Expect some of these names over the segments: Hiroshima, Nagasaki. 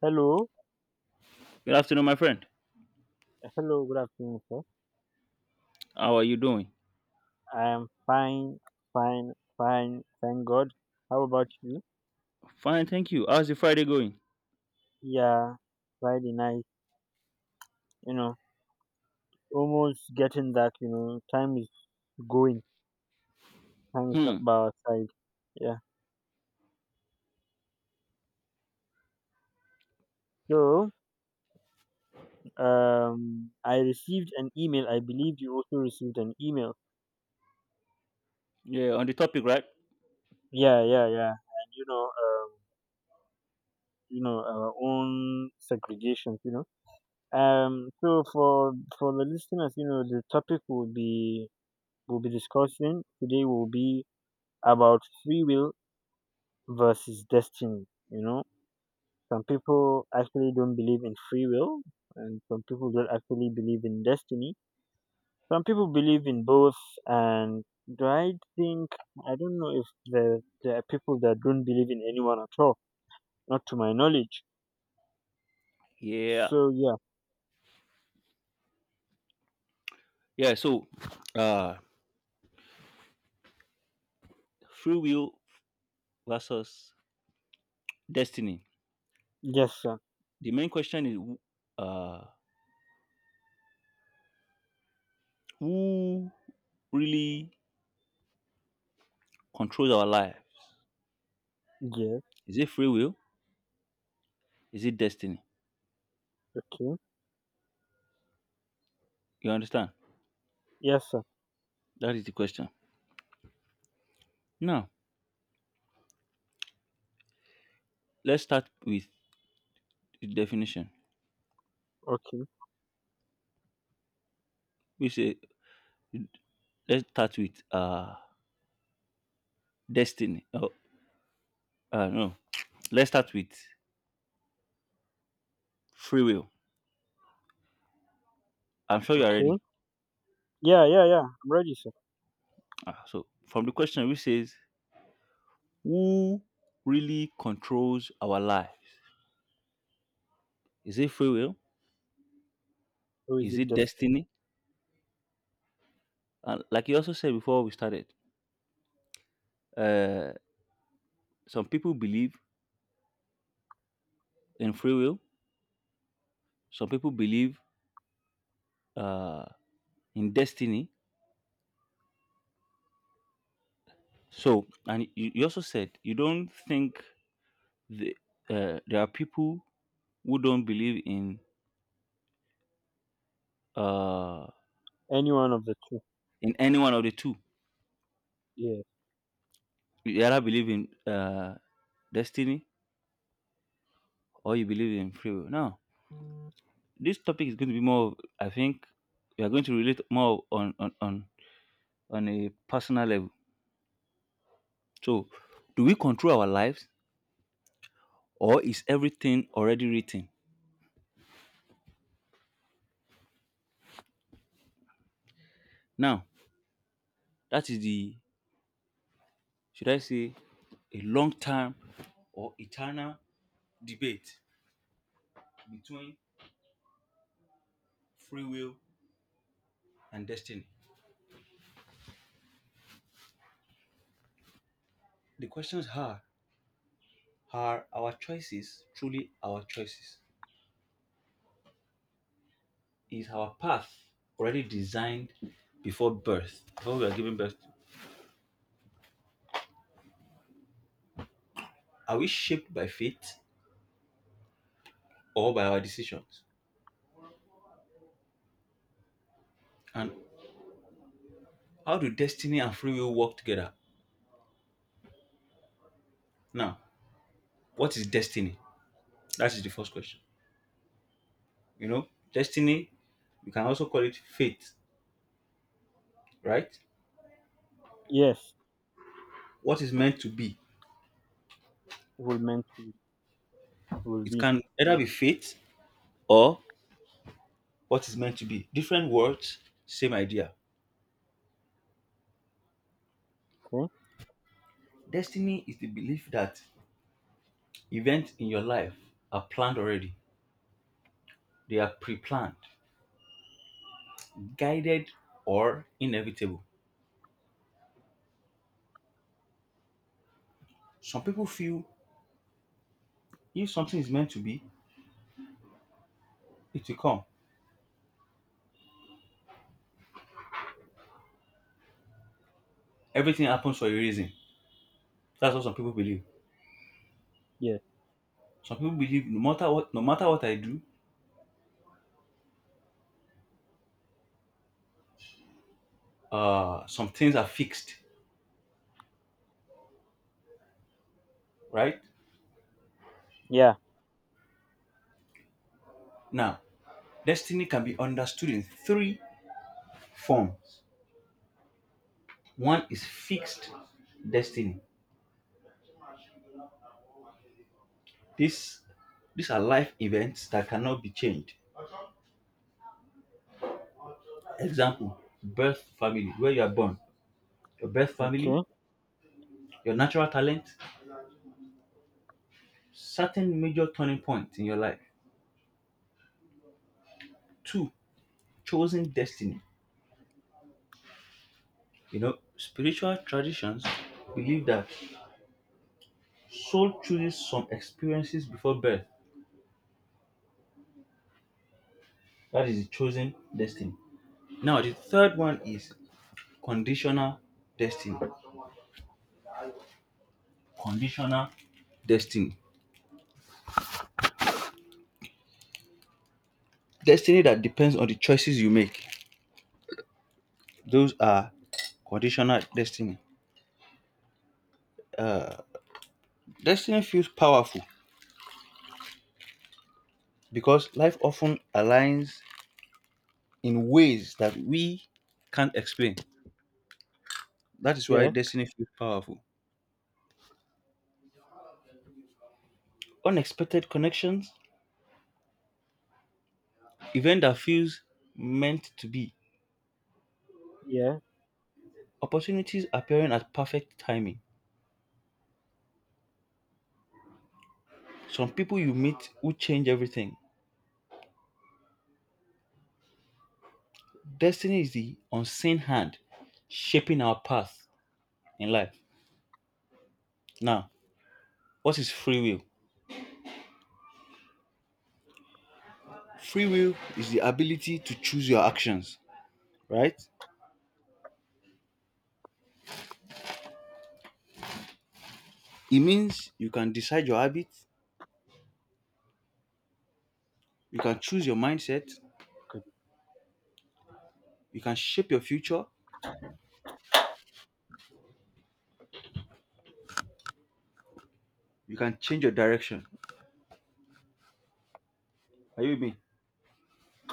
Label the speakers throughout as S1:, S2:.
S1: Hello, hello, good afternoon, sir. I am fine, fine, fine, thank God. How about you? Yeah, Friday night, you know, almost getting that, time is going, time is not by our side. Yeah. So, I received an email. I believe you also received an email. Yeah, yeah, yeah. And our own segregations, So for the listeners, the topic will be we'll be discussing today will be about free will versus destiny. You know, some people actually don't believe in free will, and some people don't actually believe in destiny. Some people believe in both, and do I think I don't know if there are people that don't believe in anyone at all, not to my knowledge. So yeah, yes sir, yes, okay, yes sir, okay, okay, yeah, yeah, yeah. I'm ready, sir. Or is it destiny? Any one of the two? Yeah. Yes. Will are meant to will be. Okay. Yeah. Yeah. Okay. Yeah. Yeah. Good.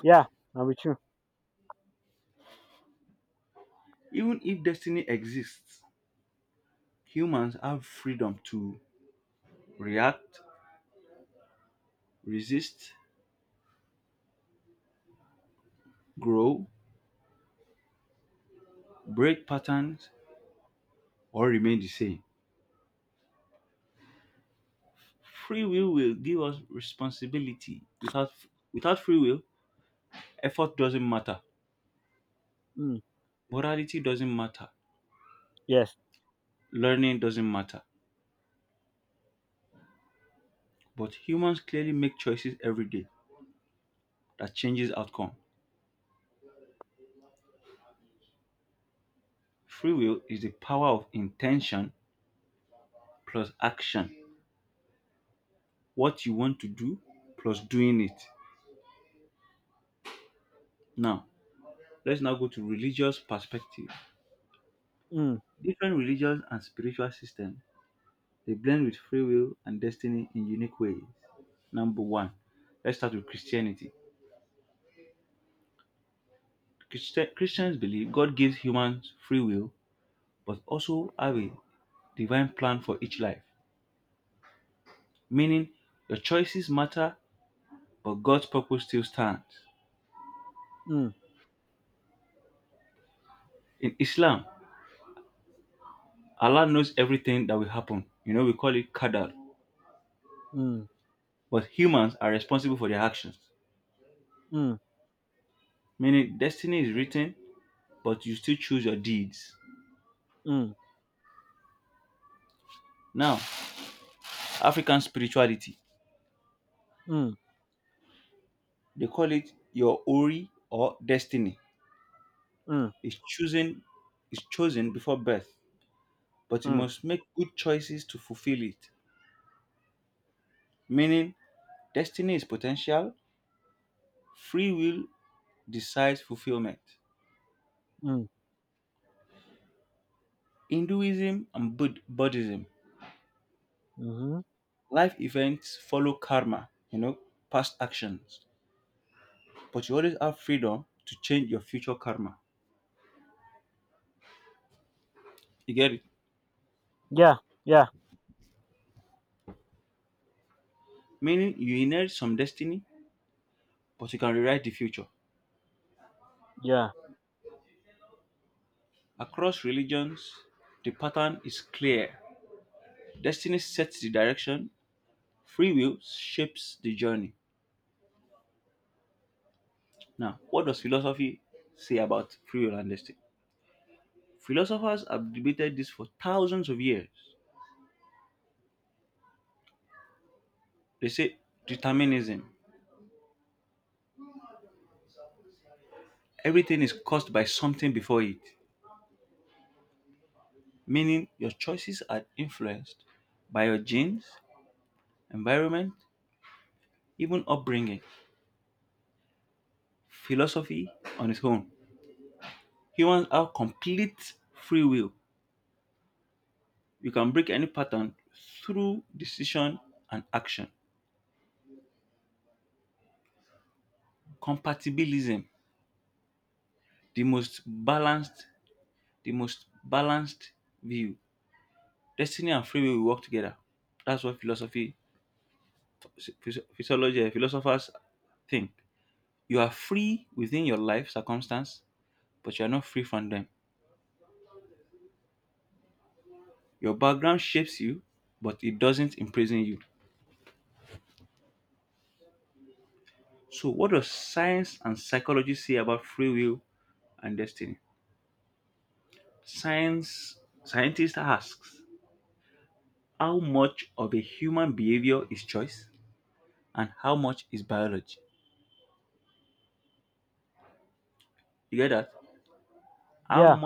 S1: Yeah. Now with you. Mm. Yes. Mm. Mm. Mm. Mm. Mm. Mm. Mm. Mm. Mm. Mm-hmm. Yeah. Yeah. Yeah. Yeah.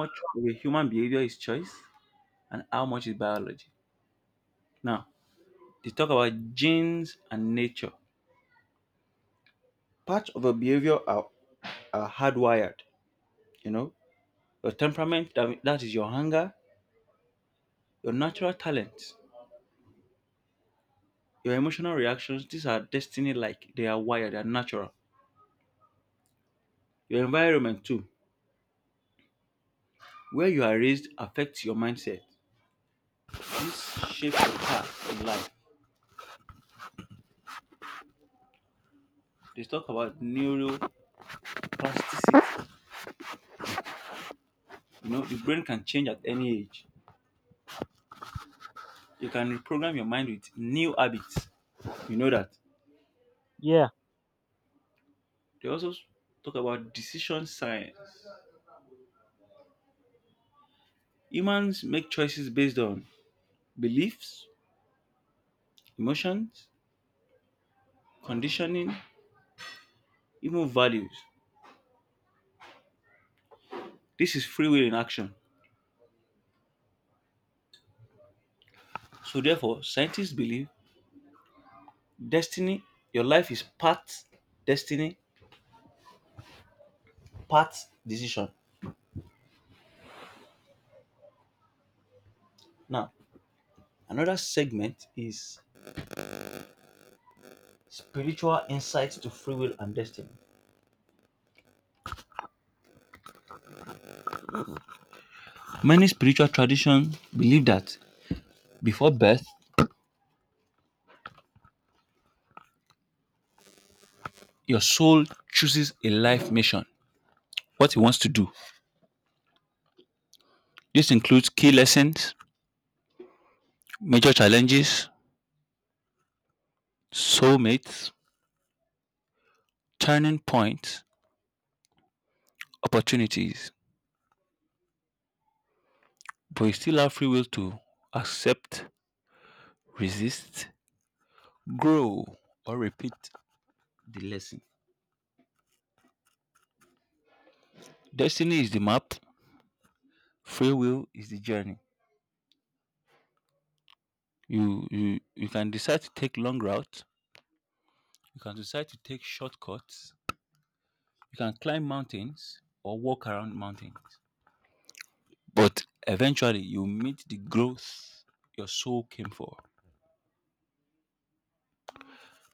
S1: Yeah.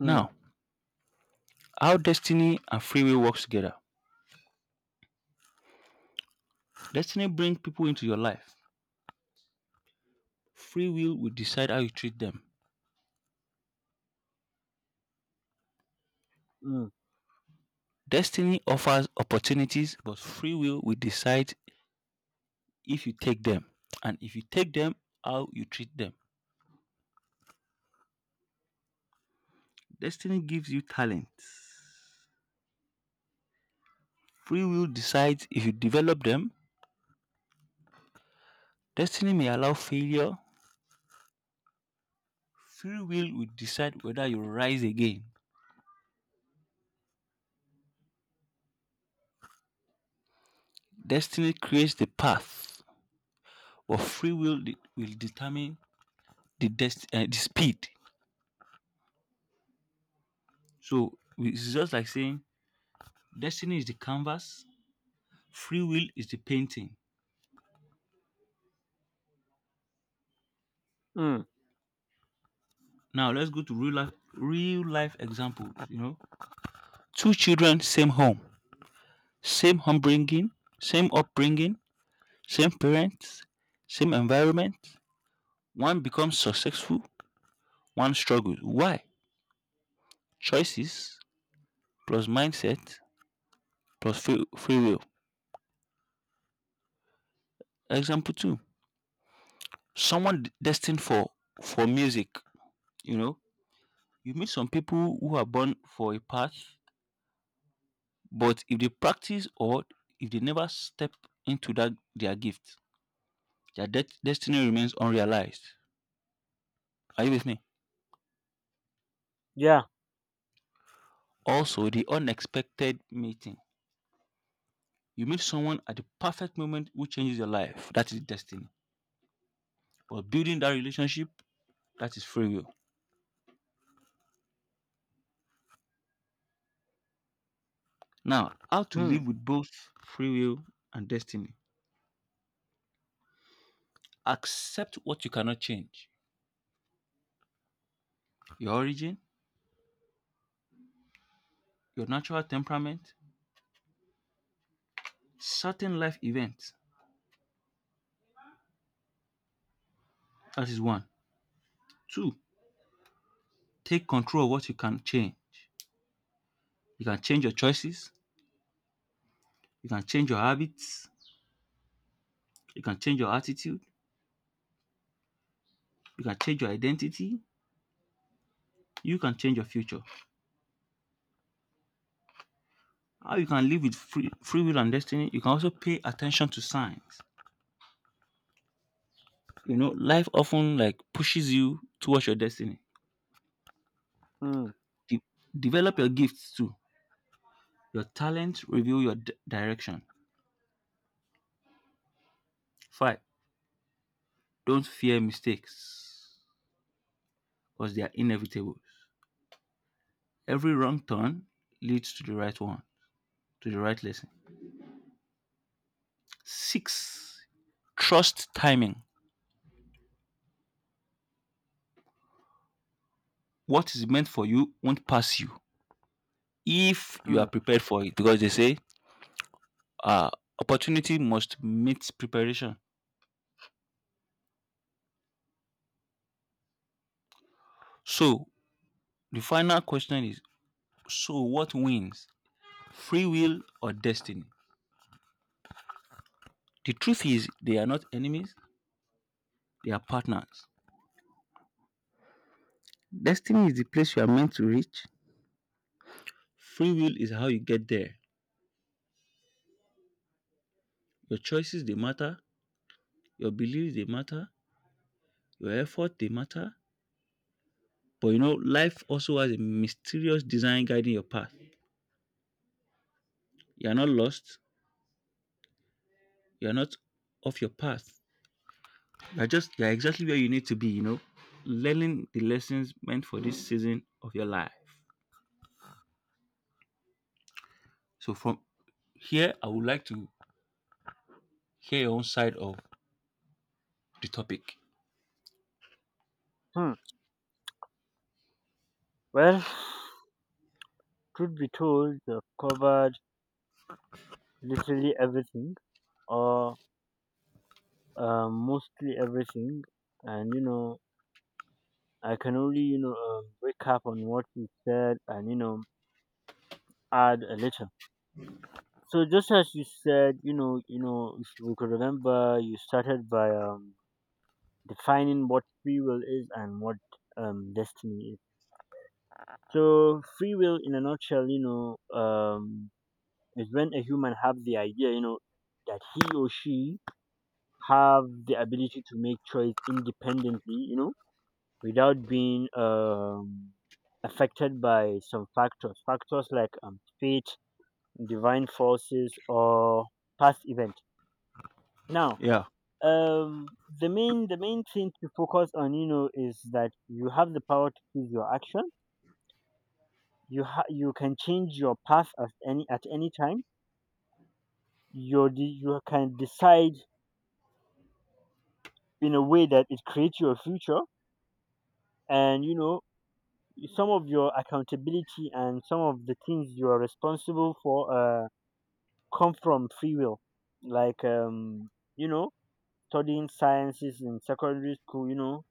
S1: Mm. Mm. Mm. Yeah. Mm. Mm. Mm. Hmm. Well, truth be told, I have covered literally everything or mostly everything, and I can only recap on what you said and add a little. So just as you said, if we could remember, you started by defining what free will is and what destiny is. So free will, in a nutshell, is when a human have the idea, you know, that he or she have the ability to make choice independently, you know, without being affected by some factors, factors like fate, divine forces, or past event. Now, um, the main thing to focus on, you know, is that you have the power to choose your action. You can change your path at any time. You can decide in a way that it creates your future, and you know some of your accountability and some of the things you are responsible for. Come from free will like you know studying sciences in secondary school, you know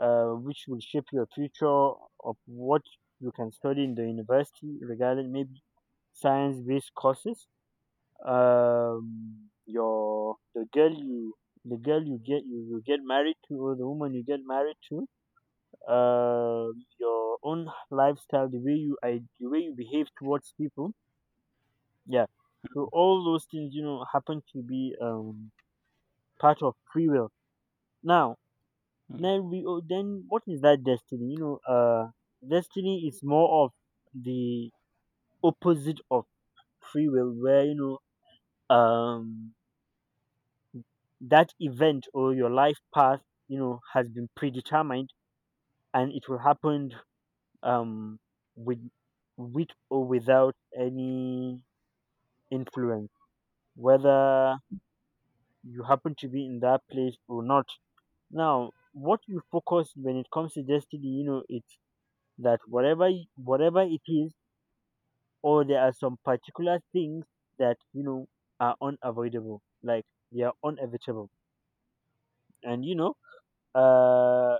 S1: uh, which will shape your future of what you can study in the university regarding maybe science based courses. Your the girl you get you get married to, or the woman you get married to, uh your own lifestyle, the way you I the way you behave towards people, yeah. So all those things, you know, happen to be part of free will. Now, then what is that destiny? You know, destiny is more of the opposite of free will, where you know, that event or your life path, you know, has been predetermined and it will happen, um, with with or without any influence, whether you happen to be in that place or not. Now, what you focus when it comes to destiny, you know, it's that whatever it is, or there are some particular things that you know are unavoidable, like they are inevitable, and uh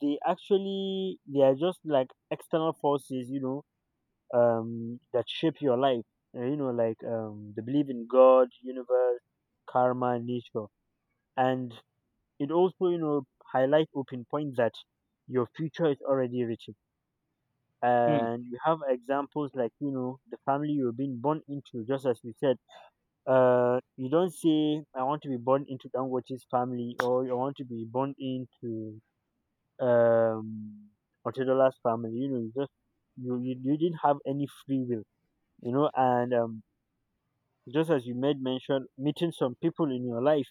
S1: they are just like external forces, you know, that shape your life. You know, like the belief in God, universe, karma, nature, and it also, you know, highlight open point that your future is already written, and you have examples like, you know, the family you are being born into, just as you said. You don't say I want to be born into Dangote's family, or I want to be born into um Otedola's family. You know, you just you didn't have any free will, you know. And, just as you made mention, meeting some people in your life,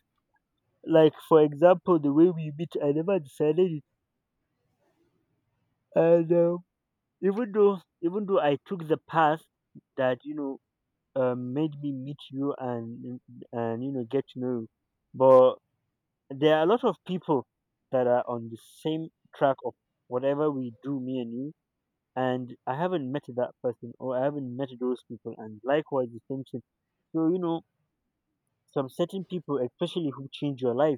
S1: like for example, the way we meet, I never decided it. And even though I took the path that, you know, made me meet you and you know get to know you. But there are a lot of people that are on the same track of whatever we do, me and you. And I haven't met that person, or I haven't met those people, and likewise the same thing. So you know, some certain people, especially who change your life,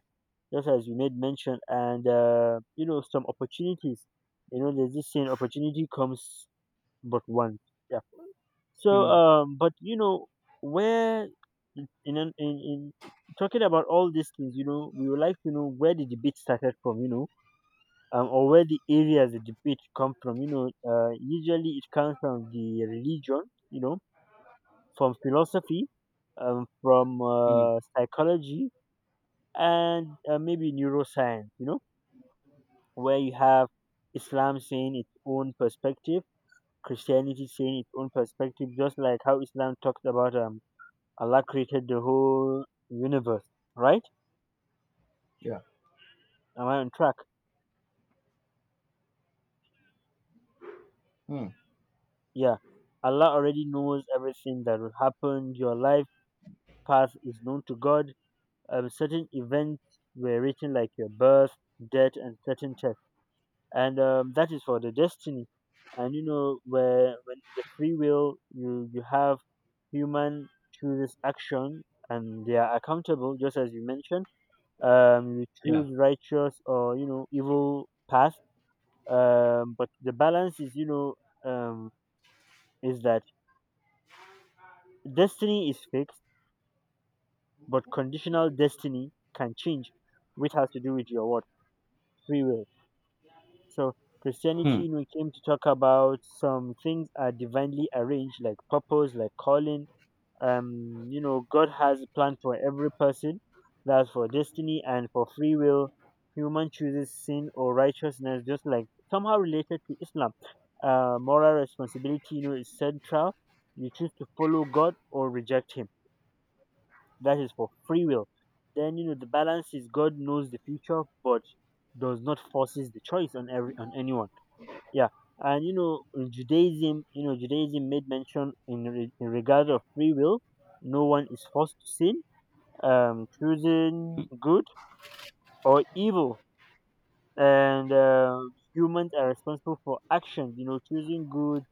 S1: just as you made mention, and you know, some opportunities. You know, there's this saying: opportunity comes but once. Yeah. So, but you know, where in talking about all these things, you know, we would like to know where the debate started from, or where the areas the debate come from. You know, usually it comes from the religion, you know, from philosophy, from psychology, and maybe neuroscience. You know, where you have Islam saying its own perspective, Christianity saying its own perspective, just like how Islam talks about Allah created the whole universe, right?
S2: Yeah.
S1: Am I on track?
S2: Hmm.
S1: Yeah. Allah already knows everything that will happen. Your life path is known to God. Certain events were written, like your birth, death, and certain test. And that is for the destiny. And you know, where when in the free will you have human chooses action and they are accountable, just as you mentioned. You
S2: Yeah.
S1: choose righteous or you know evil path, but the balance is, you know, um is that destiny is fixed but conditional destiny can change, which has to do with your what, free will. So Christianity, you know, came to talk about some things are divinely arranged, like purpose, like calling. You know, God has a plan for every person. That's for destiny. And for free will, human chooses sin or righteousness, just like somehow related to Islam. Moral responsibility, you know, is central. You choose to follow God or reject him. That is for free will. Then you know the balance is God knows the future but does not forces the choice on every on anyone. Yeah. And you know Judaism, you know, Judaism made mention in regard of free will, no one is forced to sin. Choosing good or evil, and humans are responsible for actions, you know, choosing good,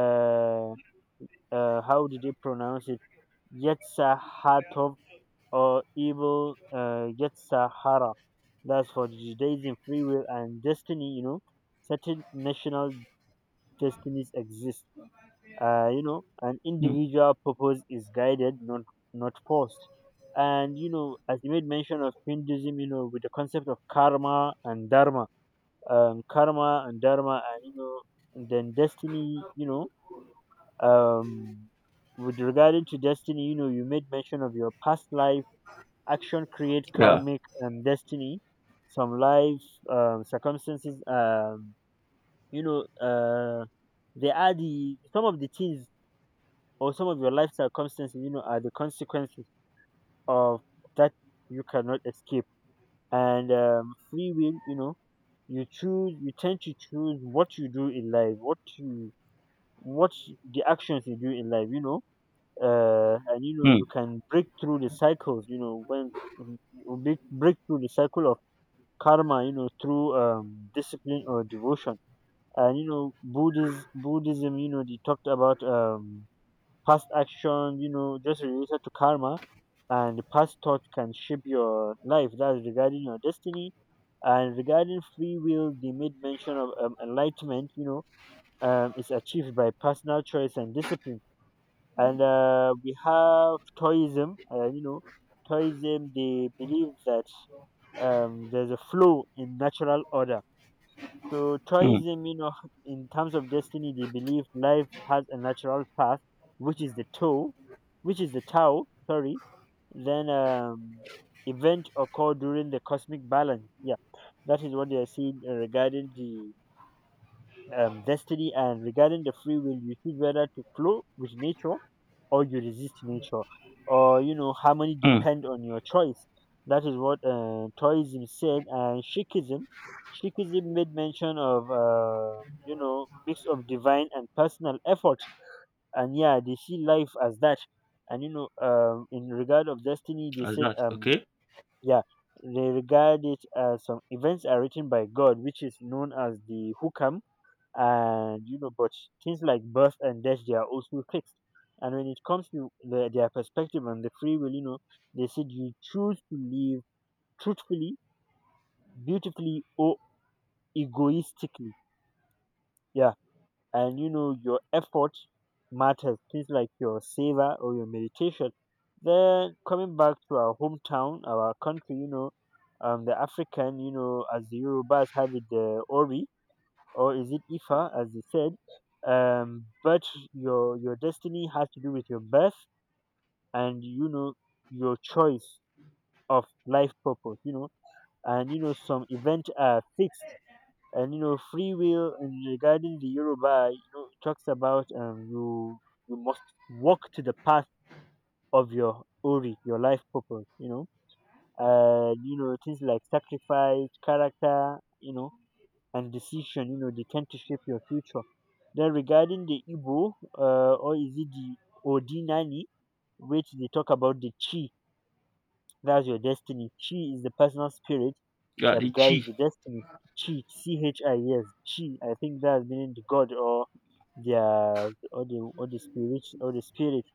S1: uh, how did they pronounce it, yetsahatov, or evil, uh, yetsahara. That's for Judaism, free will. And destiny, you know, certain national destinies exist. You know, an individual purpose is guided, not forced. And you know, as you made mention of Hinduism, you know, with the concept of karma and dharma, karma and dharma, and you know, and then destiny, you know, um with regarding to destiny, you know, you made mention of your past life action create
S2: Yeah.
S1: karmic destiny. Some life circumstances, you know, uh they are the some of the things, or some of your life circumstances, you know, are the consequences of that, you cannot escape. And free will, you know, you choose, you tend to choose what you do in life, what you, what the actions you do in life, you know. And you know, you can break through the cycles, you know, when you break through the cycle of karma, you know, through discipline or devotion. And you know Buddhism, you know, they talked about past action, you know, just related to karma, and past thought can shape your life. That's regarding your destiny. And regarding free will, they made mention of enlightenment, you know, is achieved by personal choice and discipline. And we have Taoism, you know, Taoism, they believe that there's a flow in natural order. So Taoism, you know, in terms of destiny, they believe life has a natural path, which is the Tao, which is the Tao. Sorry. Then event occur during the cosmic balance. Yeah, that is what they are saying, regarding the destiny. And regarding the free will. You choose whether to flow with nature or you resist nature or you know harmony depend on your choice. That is what taoism said. And Sikhism made mention of you know mix of divine and personal effort, and yeah they see life as that. And you know, in regard of destiny they said, um, yeah, they regard it as some events are written by god, which is known as the hukam. And you know, but things like birth and death, they are also fixed. And when it comes to their perspective on the free will, you know, they said you choose to live truthfully, beautifully, or egoistically, yeah. And you know your effort matters, things like your savor or your meditation. Then coming back to our hometown, our country, you know, um, the african, you know, as the yorubas have it, the ori, or is it ifa as you said, um, but your destiny has to do with your birth, and you know your choice of life purpose, you know. And you know some events are fixed. And you know free will, and regarding the yoruba, you know it talks about, um, you must walk to the path of your ori, your life purpose, you know. And you know things like sacrifice, character, you know, and decision, you know, they tend to shape your future. Then regarding the Igbo, or is it the Odinani, which they talk about the chi, that's your destiny. Chi is the personal spirit that guides the destiny. Chi, C H I, yes, chi. I think that's meaning the god or the the or the spirit or the spirit.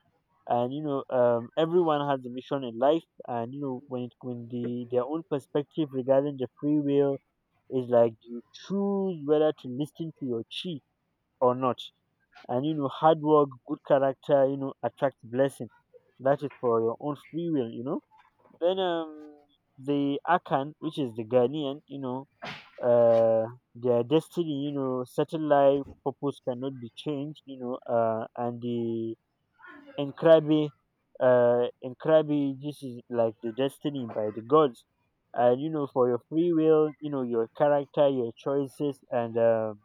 S1: And you know, everyone has a mission in life. And you know, when it, when, the their own perspective regarding the free will, it's like you choose whether to listen to your chi or not. And you know, hard work, good character, you know, attracts blessing. That is for your own free will, you know. Then um, the Akan, which is the Ghanaian, you know, uh their destiny, you know, certain life purpose cannot be changed, you know, uh, and the in Krabi, in Krabi, this is like the destiny by the gods. And you know, for your free will, you know, your character, your choices, and um,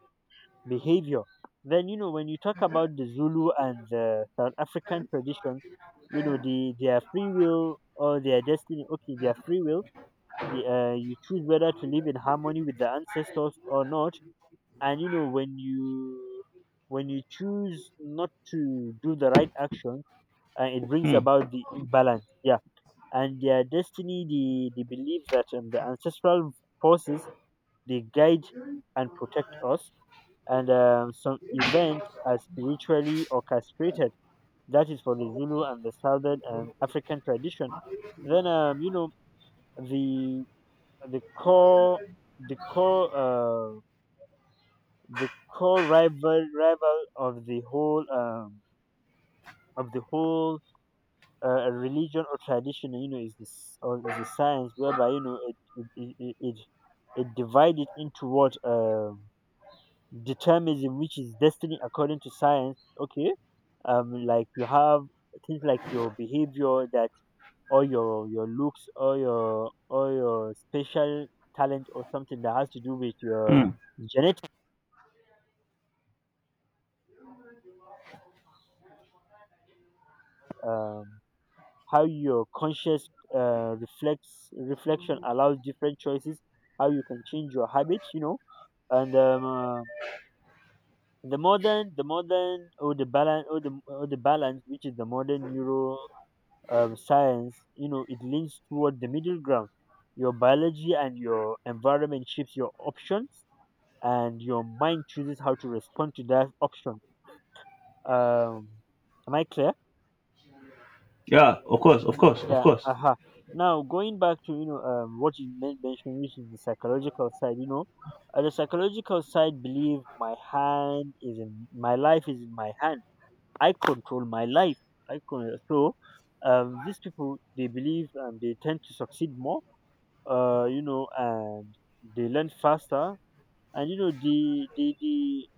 S1: behavior. Then you know, when you talk about the Zulu and the South African tradition, you know, the their free will or their destiny. Okay, their free will. You choose whether to live in harmony with the ancestors or not. And you know, when you choose not to do the right action, and it brings about the imbalance. Yeah, and their destiny, the belief that, the ancestral forces, they guide and protect us, and some events are spiritually orchestrated. That is for the Zulu and the Southern African tradition. Then you know the the core the core uh, the core rival of the whole of the whole religion or tradition, you know, is this, or is the science whereby you know it divided into what, um, determinism, which is destiny according to science. Okay, like you have things like your behavior that, or your looks, or your special talent, or something that has to do with your genetic, um, how your conscious, uh, reflects reflection allows different choices, how you can change your habits, you know. And the modern or the balance, or the balance, which is the modern neuro science, you know it leans toward the middle ground. Your biology and your environment shapes your options, and your mind chooses how to respond to that option, um. Am I clear? Yeah, aha. Now going back to you know, what you mentioned, which is the psychological side, you know, the psychological side believe my hand is in my life is in my hand. I control my life. So these people they believe and they tend to succeed more. You know, and they learn faster, and you know they they they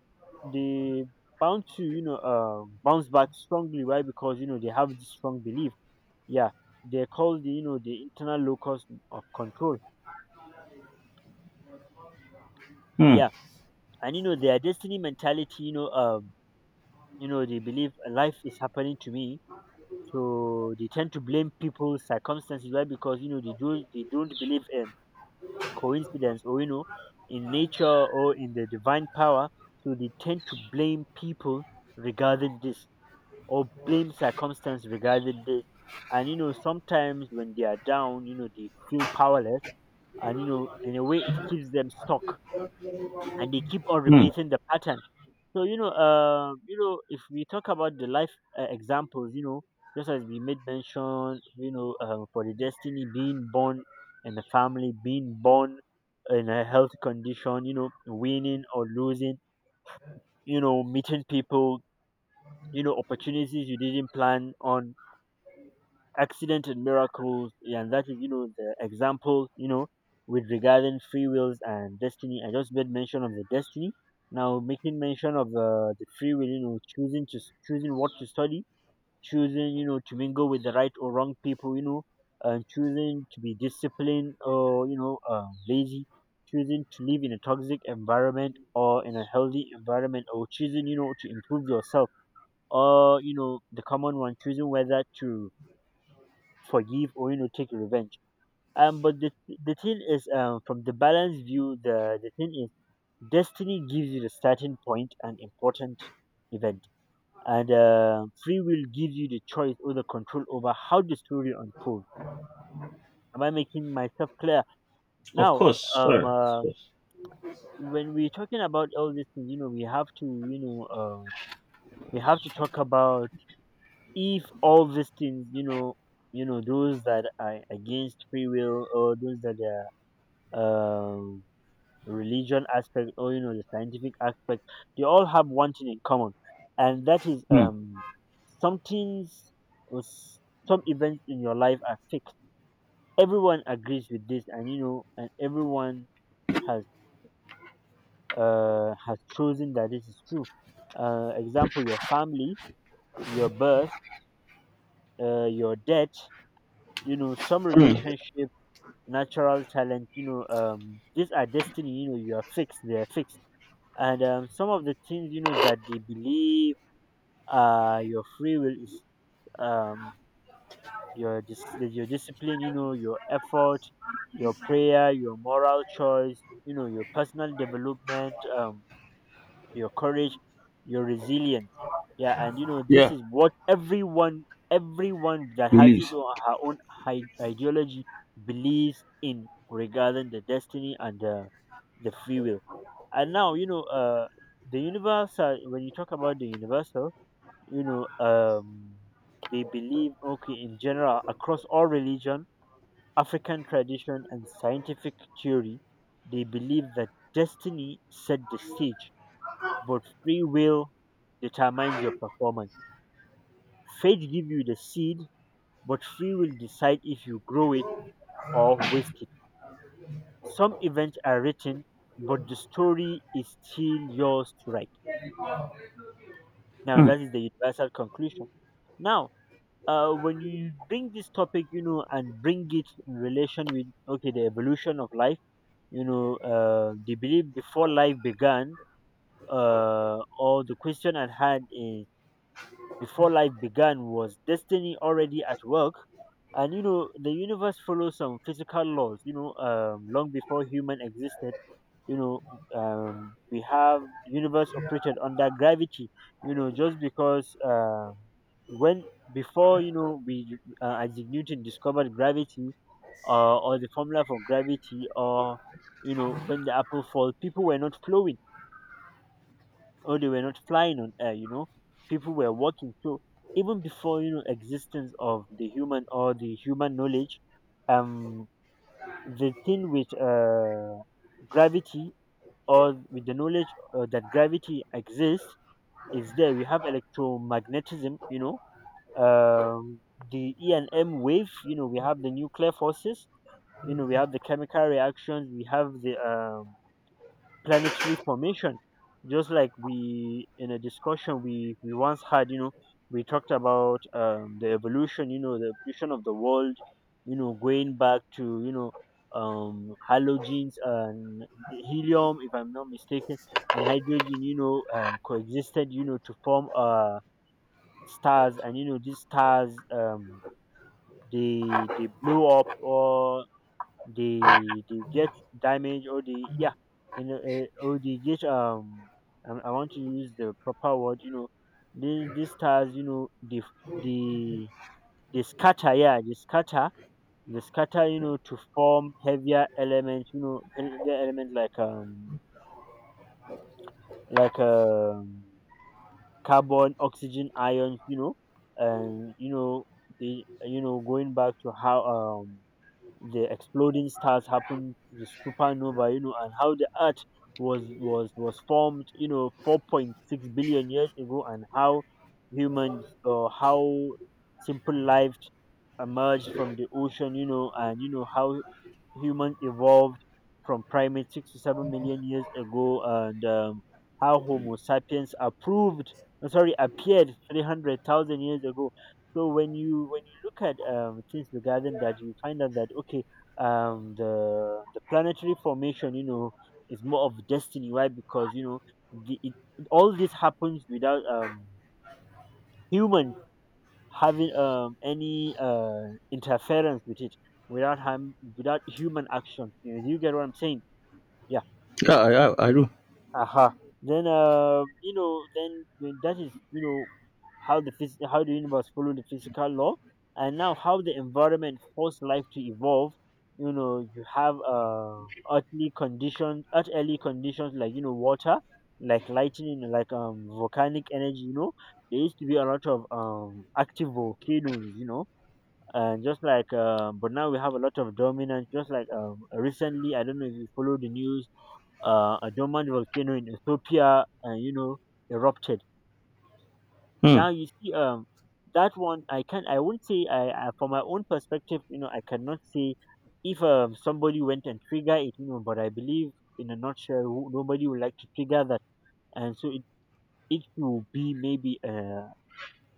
S1: they bound to you know bounce back strongly. Why? Because you know they have this strong belief. Yeah, they're called the you know the internal locus of control. Yeah, and you know their destiny mentality. You know they believe life is happening to me. So they tend to blame people's circumstances. Why? Because you know they do they don't believe in coincidence, or you know in nature, or in the divine power. So they tend to blame people regarding this, or blame circumstance regarding this. And you know sometimes when they are down, you know they feel powerless, and you know in a way it keeps them stuck, and they keep on repeating the pattern. So you know, if we talk about the life examples, you know, just as we made mention, you know, for the destiny being born in a family, being born in a health condition, you know, winning or losing, you know, meeting people, you know, opportunities you didn't plan on, accident and miracles, yeah. And that is you know the example, you know, with regarding free wills and destiny. I just made mention of the destiny. Now making mention of the free will, you know, choosing to choosing what to study, choosing you know to mingle with the right or wrong people, you know, and choosing to be disciplined or you know lazy, choosing to live in a toxic environment or in a healthy environment, or choosing you know to improve yourself, or you know the common one, choosing whether to forgive or you know take revenge, um. But the thing is, um, from the balanced view, the thing is destiny gives you the starting point and important event, and free will gives you the choice or the control over how the story unfolds. Am I making myself clear
S2: Of
S1: now?
S2: course,
S1: um
S2: sir. Of
S1: uh,
S2: course.
S1: when we're talking about all these things, you know we have to you know we have to talk about if all these things you know, you know those that are against free will, or those that are um, religion aspect, or you know the scientific aspect, they all have one thing in common, and that is something's some events in your life are fixed. Everyone agrees with this, and you know, and everyone has has chosen that this is true. Example: your family, your birth, your death. You know, some relationship, natural talent. You know, these are destiny. You know, you are fixed. They are fixed. And some of the things you know that they believe, uh, your free will is, um, your your discipline, you know your effort, your prayer, your moral choice, you know, your personal development, um, your courage, your resilience, yeah. And you know this
S2: Yeah.
S1: is what everyone, everyone that has his or her own ideology believes in regarding the destiny and the free will. And now you know uh, the universal, when you talk about the universal, you know um, they believe okay in general across all religion, african tradition and scientific theory, they believe that destiny set the stage but free will determines your performance. Fate give you the seed but free will decide if you grow it or waste it. Some events are written but the story is still yours to write. Now that is the universal conclusion. Now, when you bring this topic, you know, and bring it in relation with okay, the evolution of life, you know, the belief before life began, or the question at hand is, before life began was destiny already at work? And you know, the universe follows some physical laws, you know, long before human existed, you know, we have universe operated under gravity, you know, just because when before you know we isaac newton discovered gravity, or the formula for gravity, or you know when the apple fall people were not flowing or they were not flying on air, you know, people were walking. So even before you know existence of the human or the human knowledge, um, the thing with uh, gravity, or with the knowledge that gravity exists is there. We have electromagnetism, you know, um, the e and m wave, you know we have the nuclear forces, you know we have the chemical reactions, we have the planetary formation. Just like we in a discussion we once had, you know, we talked about um, the evolution, you know the evolution of the world, you know going back to you know um, halogens and helium if I'm not mistaken, and hydrogen, you know coexisted you know to form uh, stars. And you know these stars um, they blow up, or they get damaged, or they, yeah, you know or they get um, I want to use the proper word, you know, these stars, you know they they scatter. Yeah, they scatter, you know, to form heavier elements, you know heavier elements like um, carbon, oxygen, ions, you know. And you know they you know going back to how um, the exploding stars happened, the supernova, you know, and how the Earth was formed, you know, 4.6 billion years ago, and how humans or how simple life emerged from the ocean, you know, and you know how humans evolved from primates 67 million years ago, and how Homo sapiens appeared 300,000 years ago. So when you look at things regarding that, you find out that okay, the planetary formation, you know, is more of destiny. Why? Because you know, the, it, all this happens without humans having any interference with it without human action. You do you get what I'm saying? Yeah.
S2: Yeah. I do.
S1: Aha. Then you know, then when that is you know how the universe follow the physical law, and now how the environment force life to evolve. You know, you have earthly conditions like you know water, like lightning, like volcanic energy. You know, there used to be a lot of active volcanoes. You know, and just like but now we have a lot of dominant just like recently I don't know if you follow the news, a dormant volcano in Ethiopia, you know, erupted. Now you see that one I can not I won't say I, from my own perspective, you know, I cannot say if somebody went and trigger it, you know, but I believe in a nutshell, nobody would like to trigger that. And so it will be maybe a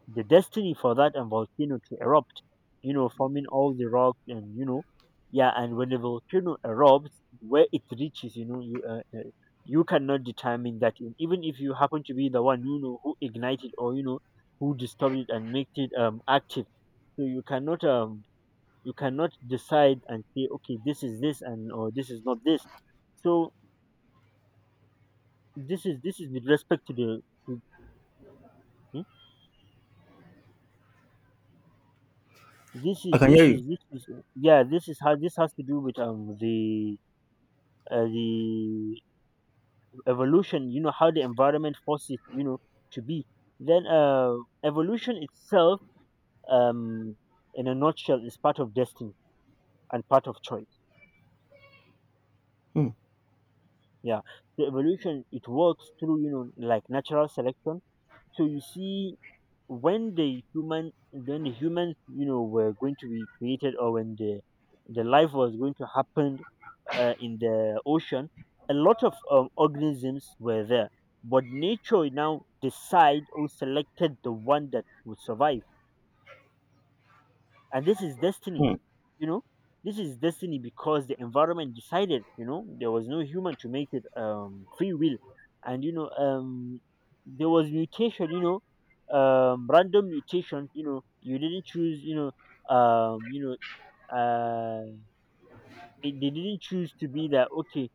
S1: the destiny for that and volcano to erupt, you know, forming all the rocks and you know, yeah. And when the volcano erupts, where it reaches, you know, you you cannot determine that. And even if you happen to be the one you know who ignited or you know who disturbed it and made it active, so you cannot decide and say okay, this is this, and or this is not this. So this is with respect to the to This
S2: I
S1: is
S2: can
S1: this
S2: hear
S1: is
S2: you.
S1: this is yeah. This is how this has to do with the evolution. You know how the environment forces it, you know, to be. Then evolution itself, um, in a nutshell, is part of destiny and part of choice.
S2: Hmm.
S1: Yeah. So evolution, it works through you know like natural selection. So you see, when the humans, you know, were going to be created, or when the life was going to happen in the ocean, a lot of organisms were there, but nature now decide or selected the one that would survive, and this is destiny.
S2: Hmm.
S1: You know, this is destiny because the environment decided. You know, there was no human to make it free will. And you know there was mutation, you know, random mutation, you know, you didn't choose, you know, you know, uh it, they didn't choose to be that. Okay,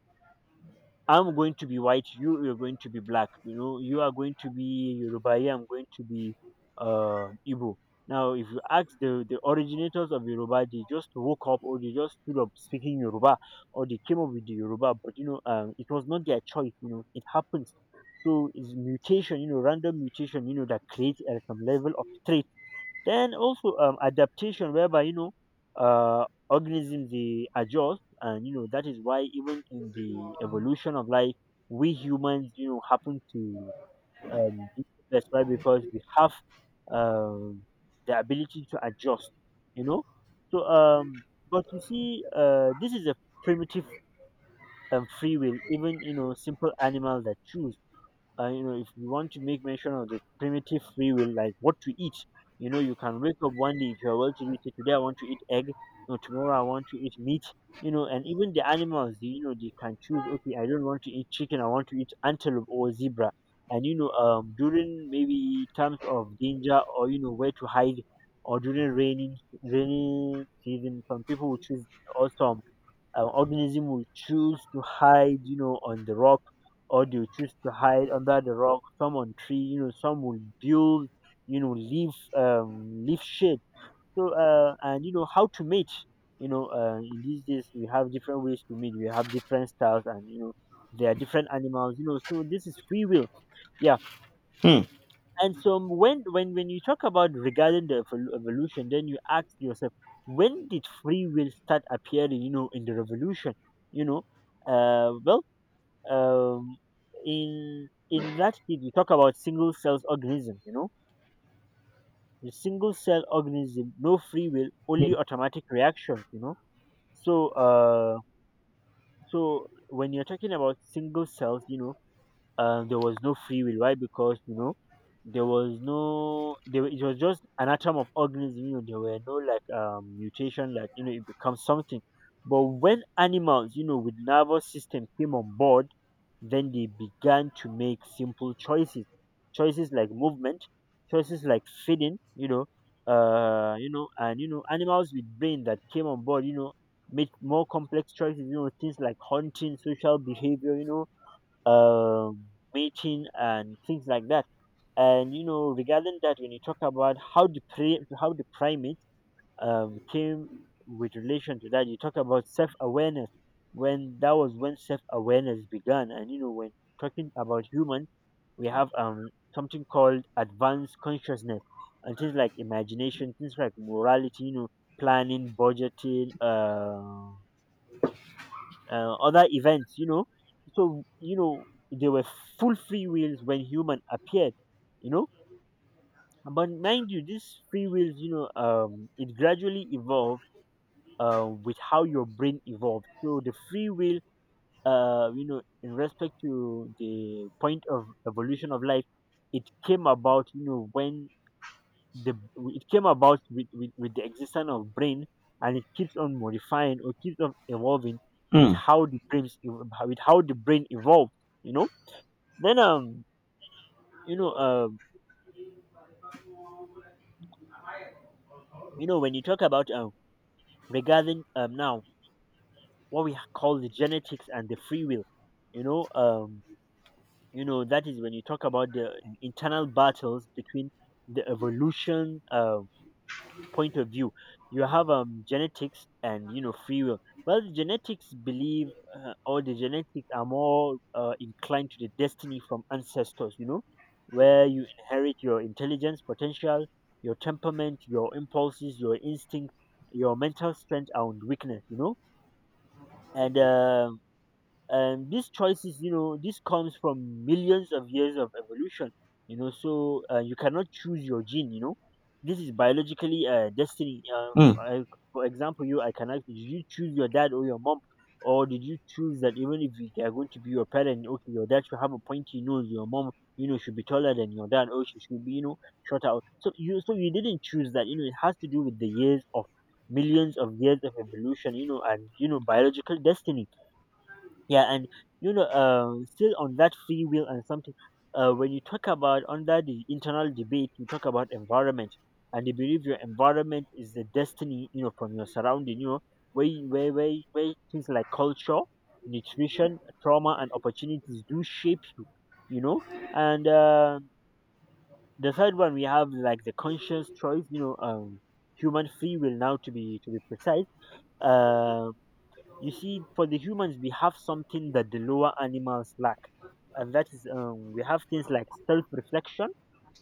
S1: I'm going to be white, you're going to be black. You know, you are going to be Yoruba, I am going to be Igbo. Now, if you ask the originators of Yoruba, they just woke up or they just stood up speaking Yoruba, or they came up with the Yoruba, but you know, it was not their choice. You know, it happens. So it's mutation, you know, random mutation, you know, that creates some level of trait. Then also adaptation, whereby you know, organisms they adjust, and you know that is why even in the evolution of life, we humans you know happen to be the best, right? Because we have um, the ability to adjust, you know. So, but you see, this is a primitive free will. Even you know simple animals that choose, you know, if you want to make mention of the primitive free will, like what to eat, you know you can wake up one day if you're well to do, say today I want to eat egg, or tomorrow I want to eat meat. You know, and even the animals, they, you know, they can choose, okay, I don't want to eat chicken, I want to eat antelope or zebra. And you know during maybe times of danger, or you know, where to hide, or during rainy season, some people will choose, also organism will choose to hide, you know, on the rock, or they will choose to hide under the rock. Some on tree, you know, some will build, you know, leaf, leaf shade. So, and you know how to mate. You know, in these days we have different ways to mate. We have different styles, and you know there are different animals. You know, so this is free will. Yeah,
S2: Hmm.
S1: and so when you talk about regarding the evolution, then you ask yourself, when did free will start appearing? You know, in the revolution. You know, well, um, in that did we talk about single cell organism? You know, the single cell organism, no free will, only automatic reactions. You know, so so when you're talking about single cells, you know, there was no free will. Why? Because you know there was no it was just an atom of organism. You know, there were no like mutation, like you know it becomes something. But when animals, you know, with nervous system came on board, then they began to make simple choices, choices like movement, choices like feeding. You know, and you know animals with brain that came on board, you know, made more complex choices. You know, things like hunting, social behavior. You know, um, mating and things like that. And you know, regarding that, when you talk about how the primate came with relation to that, you talk about self awareness. When that was when self awareness began. And you know, when talking about humans, we have something called advanced consciousness and things like imagination, things like morality, you know, planning, budgeting, other events, you know. So, you know, they were full free wills when human appeared, you know. But mind you, these free wills, you know, it gradually evolved with how your brain evolved. So the free will, you know, in respect to the point of evolution of life, it came about, you know, when the it came about with the existence of brain, and it keeps on modifying or keeps on evolving with
S2: Hmm.
S1: how the brains ev- with how the brain evolved. You know, then you know um you know when you talk about regarding now what we call the genetics and the free will, you know, you know that is when you talk about the internal battles between the evolution, point of view, you have genetics and you know free will. Well, the genetics believe, or the genetics are more inclined to the destiny from ancestors, you know, where you inherit your intelligence potential, your temperament, your impulses, your instinct, your mental strength and weakness, you know, and uh, and these choices, you know, this comes from millions of years of evolution, you know. So you cannot choose your gene, you know. This is biologically destiny,
S2: Hmm.
S1: I, for example, you, I cannot, did you choose your dad or your mom, or did you choose that even if they are going to be your parent, okay, your dad should have a pointy nose, your mom, you know, should be taller than your dad, or she should be, you know, shorter. So you, so you didn't choose that. You know, it has to do with the years of millions of years of evolution, you know, and you know biological destiny. Yeah, and you know, still on that free will and something. When you talk about under the internal debate, you talk about environment, and they believe your environment is the destiny. You know, from your surrounding. You know, where where things like culture, nutrition, trauma, and opportunities do shape you. You know, and the third one we have like the conscious choice. You know, human free will, now, to be precise. Um you see, for the humans, we have something that the lower animals lack, and that is we have things like self-reflection,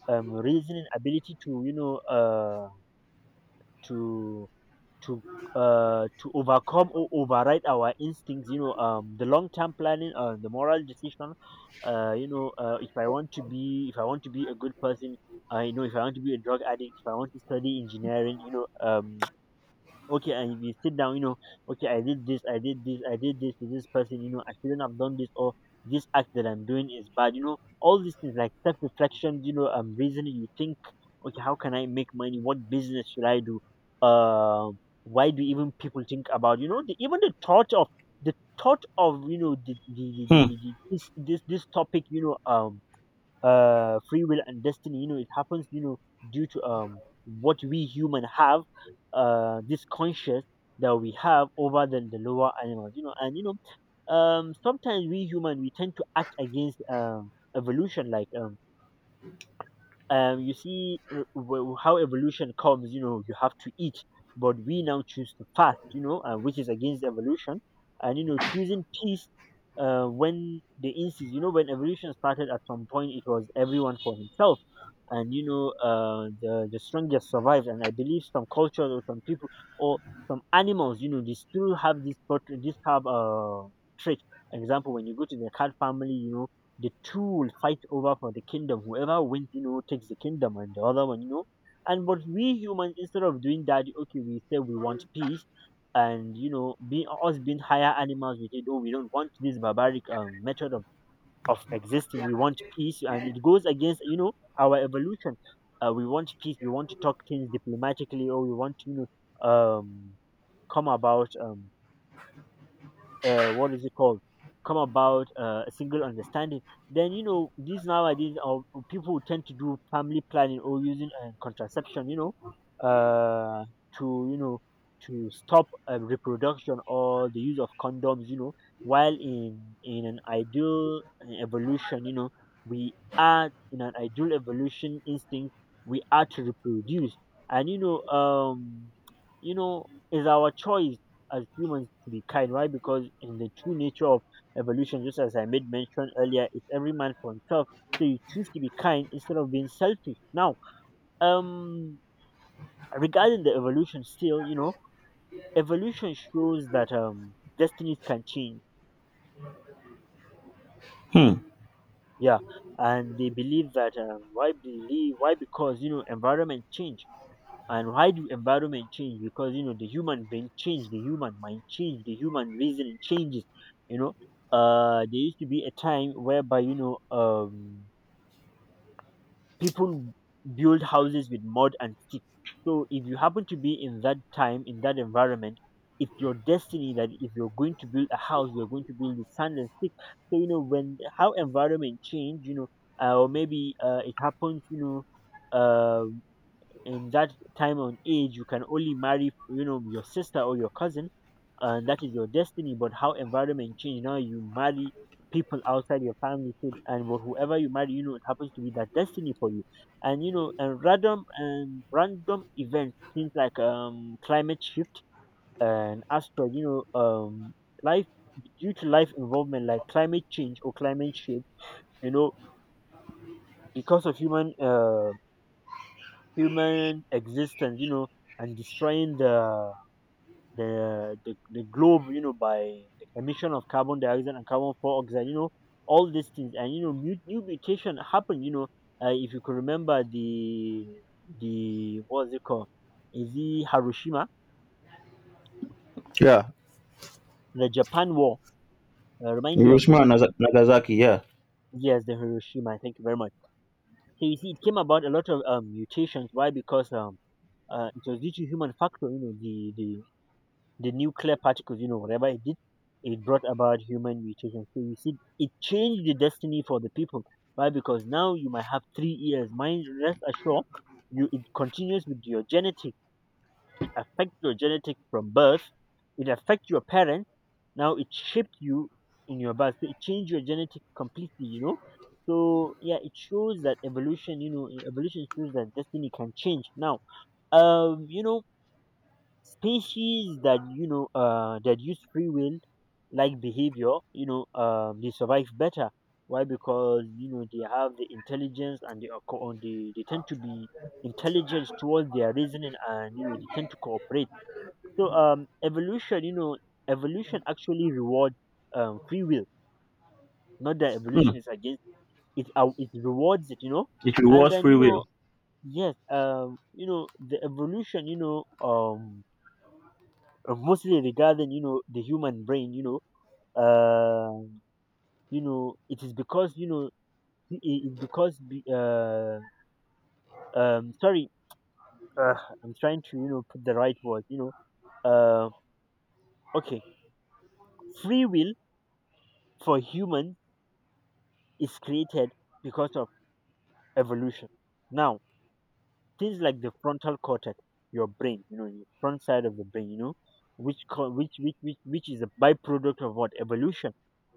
S1: reasoning ability to, you know, to to to overcome or override our instincts. You know, the long-term planning, the moral decision. If I want to be if I want to be a good person, I know if I want to be a drug addict, if I want to study engineering, okay, and if you sit down, you know, okay, I did this I did this I did this to this person, you know, I shouldn't have done this, or this act that I'm doing is bad, you know. All these things like self-reflection, you know, reasoning. You think, okay, how can I make money? What business should I do? um why do even people think about, you know, even the thought of you know
S2: Hmm.
S1: the this topic, free will and destiny, you know. It happens, you know, due to what we human have, this conscious that we have over than the lower animals, you know. And you know, sometimes we human, we tend to act against evolution, like you see, how evolution comes. You know, you have to eat, but we now choose to fast, you know, which is against evolution. And, you know, choosing peace, when the instance, you know, when evolution started, at some point it was everyone for himself. And, you know, the strongest survives. And I believe some cultures or some people or some animals, you know, they still have this have trait. Example: when you go to the cat family, you know, the two will fight over for the kingdom. Whoever wins, you know, takes the kingdom, and the other one, you know. And but we humans, instead of doing that, okay, we say we want peace, and, you know, being us, being higher animals, we say, oh, we don't want this barbaric method of existing. We want peace, and it goes against, you know, our evolution. We want peace. We want to talk things diplomatically, or we want to, you know, come about. What is it called? Come about a single understanding. Then, you know, these nowadays are people who tend to do family planning or using contraception, you know, to, you know, to stop reproduction, or the use of condoms, you know, while in an ideal evolution, you know, we are in an ideal evolution instinct. We are to reproduce, and, you know, you know, is our choice as humans to be kind. Why? Because in the true nature of evolution, just as I made mention earlier, it's every man for himself. So you choose to be kind instead of being selfish. Now, um, regarding the evolution, still, you know, evolution shows that, destinies can change.
S2: Hmm.
S1: Yeah, and they believe that, why believe? Why? Because, you know, environment change. And why do environment change? Because, you know, the human brain change, the human mind change, the human reasoning changes, you know. There used to be a time whereby, you know, people build houses with mud and stick. So if you happen to be in that time, in that environment, it's your destiny that if you're going to build a house, you're going to build with sand and stick. So, you know, when how environment change, you know, or maybe it happens, you know, uh, in that time and age, you can only marry, you know, your sister or your cousin, and that is your destiny. But how environment change now, you marry people outside your family. So, and whoever you marry, you know, it happens to be that destiny for you. And, you know, and random events, things like climate shift and aspect, you know, life, due to life involvement like climate change or climate shift, you know, because of human human existence, you know, and destroying the globe, you know, by the emission of carbon dioxide and carbon dioxide, you know, all these things. And, you know, new mutation happened, you know. Uh, if you could remember the what's it called? Is it Hiroshima,
S2: Yeah.
S1: the Japan War? Remind me of the
S2: Hiroshima
S1: name.
S2: and Nagasaki. Yeah.
S1: Yes, the Hiroshima. Thank you very much. So you see, it came about a lot of mutations. Why? Because it was due to human factor. You know, the nuclear particles, you know, whatever it did, it brought about human mutation. So you see, it changed the destiny for the people. Why? Because now you might have three ears. Mind, rest assured, you, it continues with your genetic. It affects your genetic from birth. It affects your parents. Now it shaped you in your birth. So it changed your genetic completely, you know. So yeah, it shows that evolution. You know, evolution shows that destiny can change. Now, you know, species that, you know, that use free will like behavior, you know, they survive better. Why? Because, you know, they have the intelligence and and they tend to be intelligent towards their reasoning, and, you know, they tend to cooperate. So, evolution, you know, evolution actually rewards, free will. Not that evolution is against It rewards it, you know. And then, you know, yes, you know, the evolution, you know, mostly regarding, you know, the human brain, you know uh you know, it is because, you know, it is because sorry, uh, I'm trying to, you know, put the right word, you know uh okay, free will for humans is created because of evolution. Now, things like the frontal cortex, your brain, you know, your front side of the brain, you know, which which is a byproduct of what? Evolution.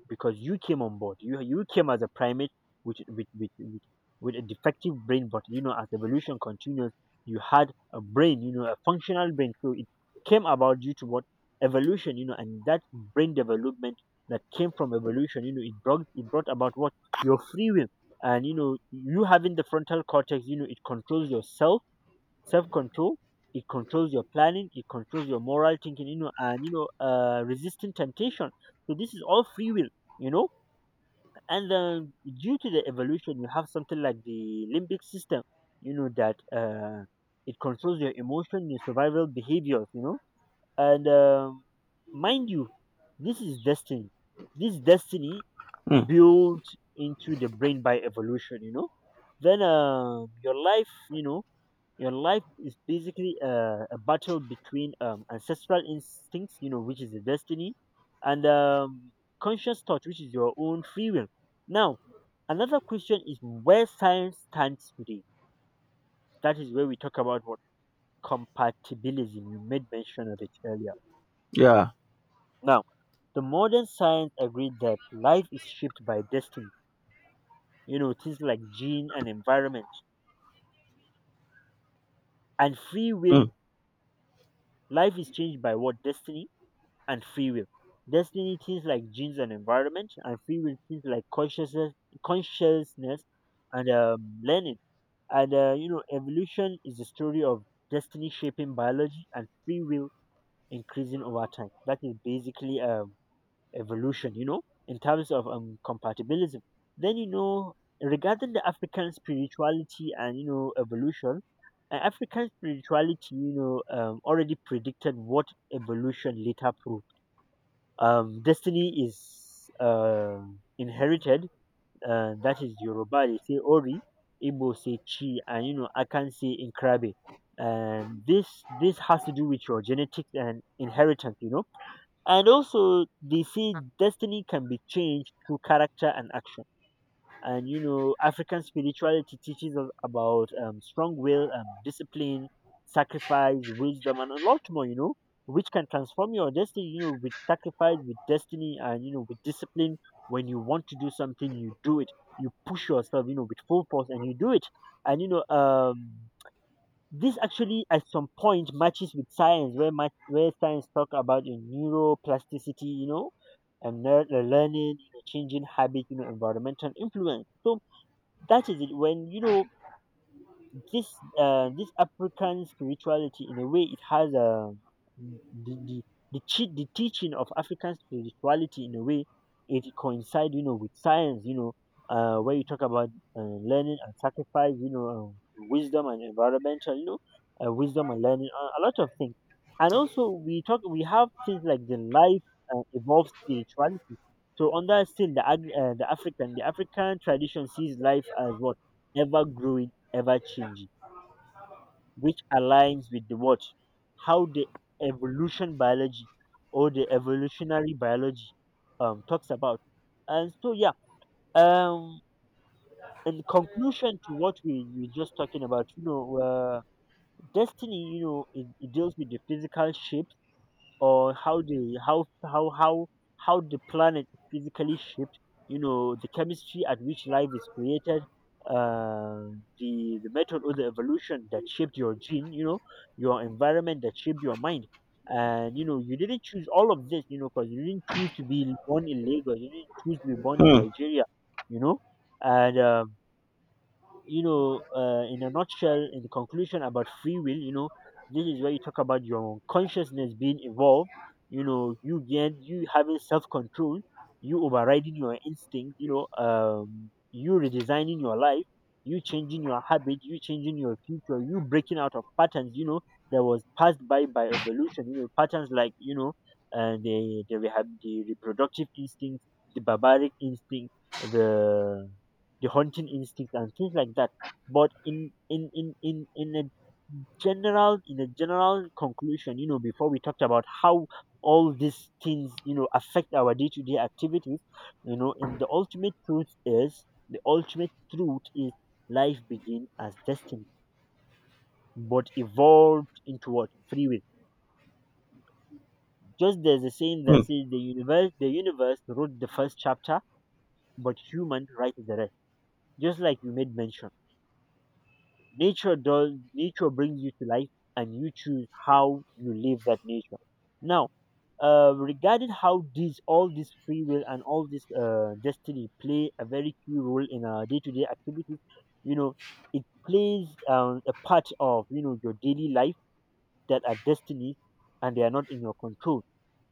S1: Because you came on board, you came as a primate with with with with, with a defective brain, but, you know, as evolution continues, you had a brain, you know, a functional brain. So it came about due to what? Evolution, you know. And that brain development that came from evolution, you know, it brought about what? Your free will. And, you know, you having the frontal cortex, you know, it controls yourself, self control. It controls your planning. It controls your moral thinking, you know. And, you know, resisting temptation. So this is all free will, you know. And then, due to the evolution, you have something like the limbic system. You know that, it controls your emotion, your survival behaviors, you know. And, mind you, this is destiny. This destiny built into the brain by evolution, you know. Then, your life. You know, your life is basically a battle between, ancestral instincts, you know, which is the destiny, and, conscious thought, which is your own free will. Now, another question is where science stands today. That is where we talk about what? Compatibilism. You made mention of it earlier.
S2: Yeah.
S1: Now, the modern science agreed that life is shaped by destiny, you know, things like gene and environment, and free will.
S2: Hmm.
S1: Life is changed by what? Destiny and free will. Destiny, things like genes and environment, and free will, things like consciousness, consciousness, and, learning. And, you know, evolution is the story of destiny shaping biology and free will increasing over time. That is basically, evolution, you know, in terms of, compatibilism. Then, you know, regarding the African spirituality and, you know, evolution, African spirituality, already predicted what evolution later proved: destiny is inherited. That is Yoruba. They say Ori, Igbo say Chi, and, you know, I can say Inkrabe. And this has to do with your genetics and inheritance, you know. And also they say destiny can be changed through character and action. And, you know, African spirituality teaches us about, strong will, discipline, sacrifice, wisdom, and a lot more, you know, which can transform your destiny, you know, with sacrifice, with destiny, and, you know, with discipline. When you want to do something, you do it. You push yourself, you know, with full force, and you do it. And, you know, this actually at some point matches with science, where much where science talk about in neuroplasticity, you know, and learning, you know, changing habit, you know, environmental influence. So that is it. When you know this, this African spirituality, in a way, it has a the the the teaching of African spirituality, in a way, it coincides, you know, with science, you know, where you talk about learning and sacrifice, you know, wisdom and environmental, you know, wisdom and learning, a lot of things. And also we talk, we have things like the life, evolves spirituality. So on that, still, the the African tradition sees life as what? Ever growing, ever changing, which aligns with the what? How the evolution biology, or the evolutionary biology, talks about. And so yeah, um in conclusion to what we were just talking about, destiny, it deals with the physical shape or how the planet is physically shaped, you know, the chemistry at which life is created. uh the method or the evolution that shaped your gene, you know, your environment that shaped your mind. And you know, you didn't choose all of this, you know, because you didn't choose to be born in Lagos, you didn't choose to be born in
S2: Hmm.
S1: Nigeria, you know. And In a nutshell, in the conclusion about free will, you know, this is where you talk about your own consciousness being evolved, you know, you get you having self control, you overriding your instinct, you redesigning your life, you changing your habit, you changing your future, you breaking out of patterns, you know, that was passed by evolution, you know, patterns like, you know, rehab, the reproductive instinct, the barbaric instinct, the the hunting instinct and things like that. But in a general conclusion, you know, before we talked about how all these things, you know, affect our day-to-day activities, you know, in the ultimate truth is the ultimate truth is, life begins as destiny but evolved into what, free will. Just there's a saying
S2: Hmm.
S1: that says the universe wrote the first chapter but human writes the rest, just like you made mention. Nature does, nature brings you to life and you choose how you live that nature. Now, regarding how these, all this free will and all this destiny play a very key role in our day-to-day activities, you know, it plays, a part of, you know, your daily life that are destiny and they are not in your control.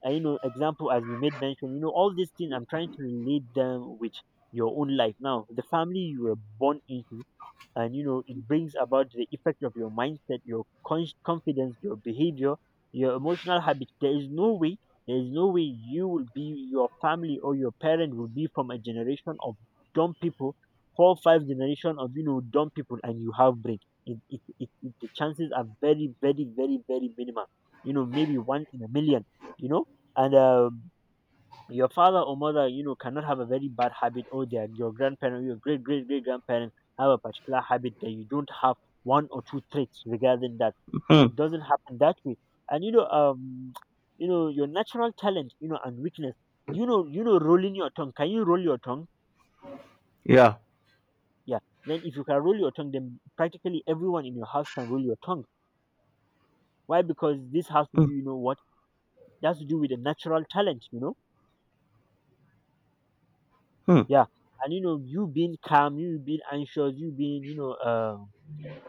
S1: And you know, example, as we made mention, you know, all these things I'm trying to relate them with your own life. Now, the family you were born into, and you know, it brings about the effect of your mindset, your confidence, your behavior, your emotional habit. There is no way, there is no way you will be, your family or your parent will be from a generation of dumb people, four five generation of, you know, dumb people, and you have brain. It The chances are very minimal, you know, maybe one in a million, you know. And Your father or mother, you know, cannot have a very bad habit, or their, your grandparent, your great grandparent, have a particular habit that you don't have, one or two traits regarding that. So
S2: Hmm.
S1: it doesn't happen that way. And you know, um, you know, your natural talent, you know, and weakness. Rolling your tongue. Can you roll your tongue?
S2: Yeah.
S1: Yeah. Then if you can roll your tongue, then practically everyone in your house can roll your tongue. Why? Because this has to do,
S2: Hmm.
S1: you know what? It has to do with a natural talent, you know?
S2: Hmm.
S1: Yeah. And you know, you being calm, you being anxious, you being,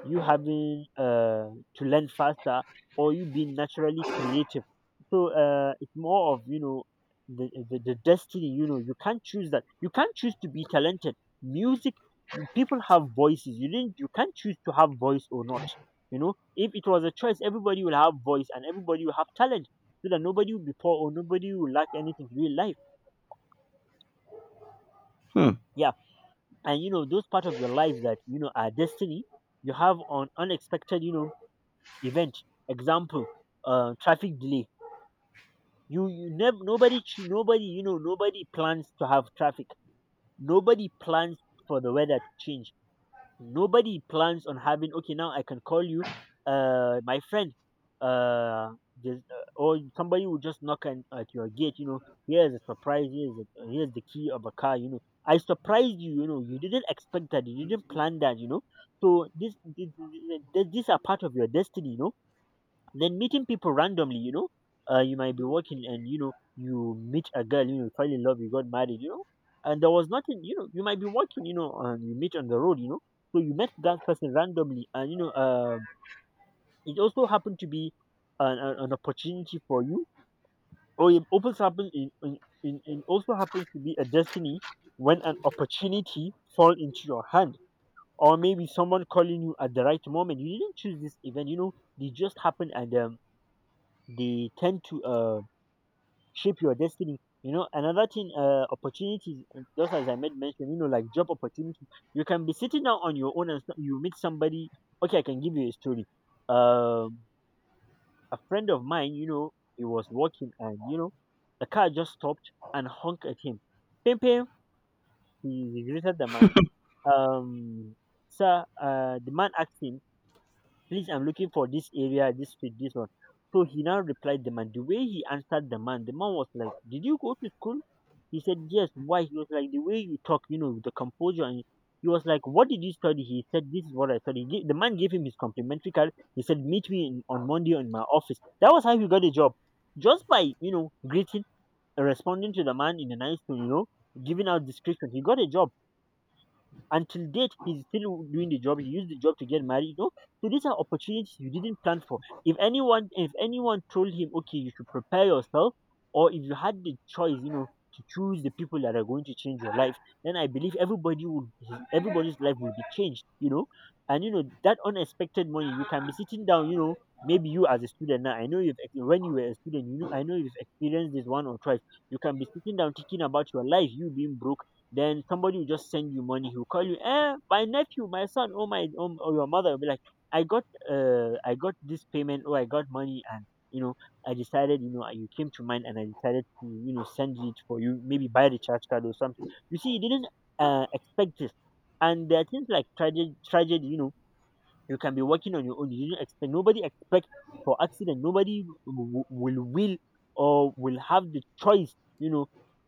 S1: you having, to learn faster, or you being naturally creative. So it's more of, you know, the destiny, you know. You can't choose that, you can't choose to be talented, music. People have voices, you can't choose to have voice or not. You know, if it was a choice, everybody will have voice and everybody will have talent, so that nobody will be poor or nobody will lack anything in real life.
S2: Hmm.
S1: Yeah. And you know, those part of your life that you know are destiny, you have on unexpected, you know, event. Example, traffic delay. You never Nobody nobody, you know, nobody plans to have traffic, nobody plans for the weather to change, nobody plans on having, okay, now I can call you, my friend, uh there's, or somebody will just knock on, at your gate, you know, here's a surprise, here's the key of a car, you know, I surprised you. You know, you didn't expect that, you didn't plan that, you know. So this, these are part of your destiny, you know. Then meeting people randomly, you know, you might be walking and you know, you meet a girl, you know, you fall in love, you got married, you know, and there was nothing, you know, you might be walking, you know, and you meet on the road, you know. So you met that person randomly, and you know, it also happened to be an opportunity for you, or it also happens in also happens to be a destiny, when an opportunity fall into your hand, or maybe someone calling you at the right moment. You didn't choose this event, you know, they just happened. And They tend to, shape your destiny. You know, another thing, opportunities, just as I made mention, you know, like job opportunities. You can be sitting down on your own and you meet somebody. Okay, I can give you a story. Um, a friend of mine, you know, he was walking, and you know, the car just stopped and honked at him. Pim, pim, he greeted the man. Um, Sir, the man asked him, please, I'm looking for this area, this street, this one. So he now replied the man, the way he answered the man, the man was like, did you go to school? He said yes. Why? He was like, the way you talk, you know, with the composure, and he was like, what did you study? He said, this is what I studied. The man gave him his complimentary card. He said, meet me on Monday in my office. That was how he got a job, just by, you know, greeting and responding to the man in a nice tone, you know, giving out description, he got a job. Until date, he's still doing the job. He used the job to get married, you know. So these are opportunities you didn't plan for. If anyone told him, okay, you should prepare yourself, or if you had the choice, you know, to choose the people that are going to change your life, then I believe everybody's life will be changed, you know. And you know, that unexpected money, you can be sitting down, you know. Maybe you as a student now, I know you've when you were a student, you know, I know you've experienced this one or twice. You can be sitting down thinking about your life, you being broke, then somebody will just send you money. He'll call you, eh, my nephew, my son, oh my, oh, or your mother will be like, I got, I got this payment. Oh, I got money, and you know, I decided, you know, you came to mind, and I decided to, you know, send it for you. Maybe buy the charge card or something. You see, you didn't, expect this. And there are things like tragedy, you know, you can be working on your own. You didn't expect, nobody expect for accident. Nobody will, or will have the choice, you know,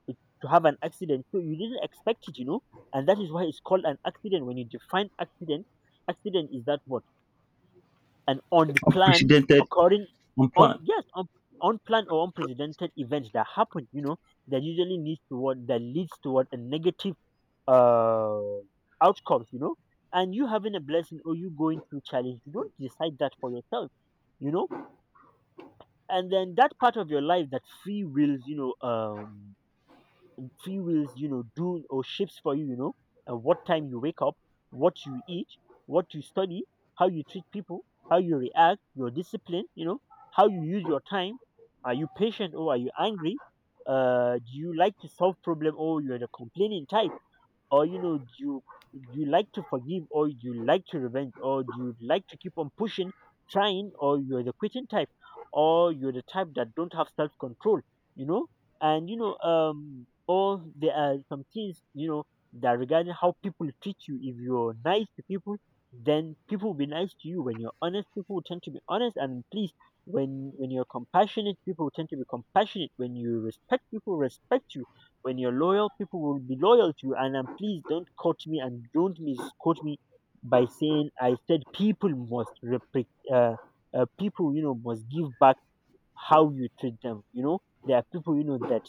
S1: to have an accident. So you didn't expect it, you know, and that is why it's called an accident. When you define accident, accident is that what, an unplanned occurring, on yes, unplanned or unprecedented event that happened, you know, that usually needs to what, that leads toward a negative, uh, outcomes, you know. And you having a blessing or you going through challenge, you don't decide that for yourself, you know. And then that part of your life that free wills, free wills, you know, do or shapes for you, you know, and what time you wake up, what you eat, what you study, how you treat people, how you react, your discipline, you know, how you use your time. Are you patient or are you angry? Do you like to solve problem or you're the complaining type? Or you know, do you like to forgive, or do you like to revenge, or do you like to keep on pushing, trying, or you're the quitting type, or you're the type that don't have self-control, you know. Or there are some things, you know, that regarding how people treat you, if you're nice to people, then people will be nice to you. When you're honest, people will tend to be honest, and please, when you're compassionate, people will tend to be compassionate. When you respect people, respect you. When you're loyal, people will be loyal to you. And please don't quote me and don't misquote me by saying I said people must uh, people you know must give back how you treat them. You know there are people you know that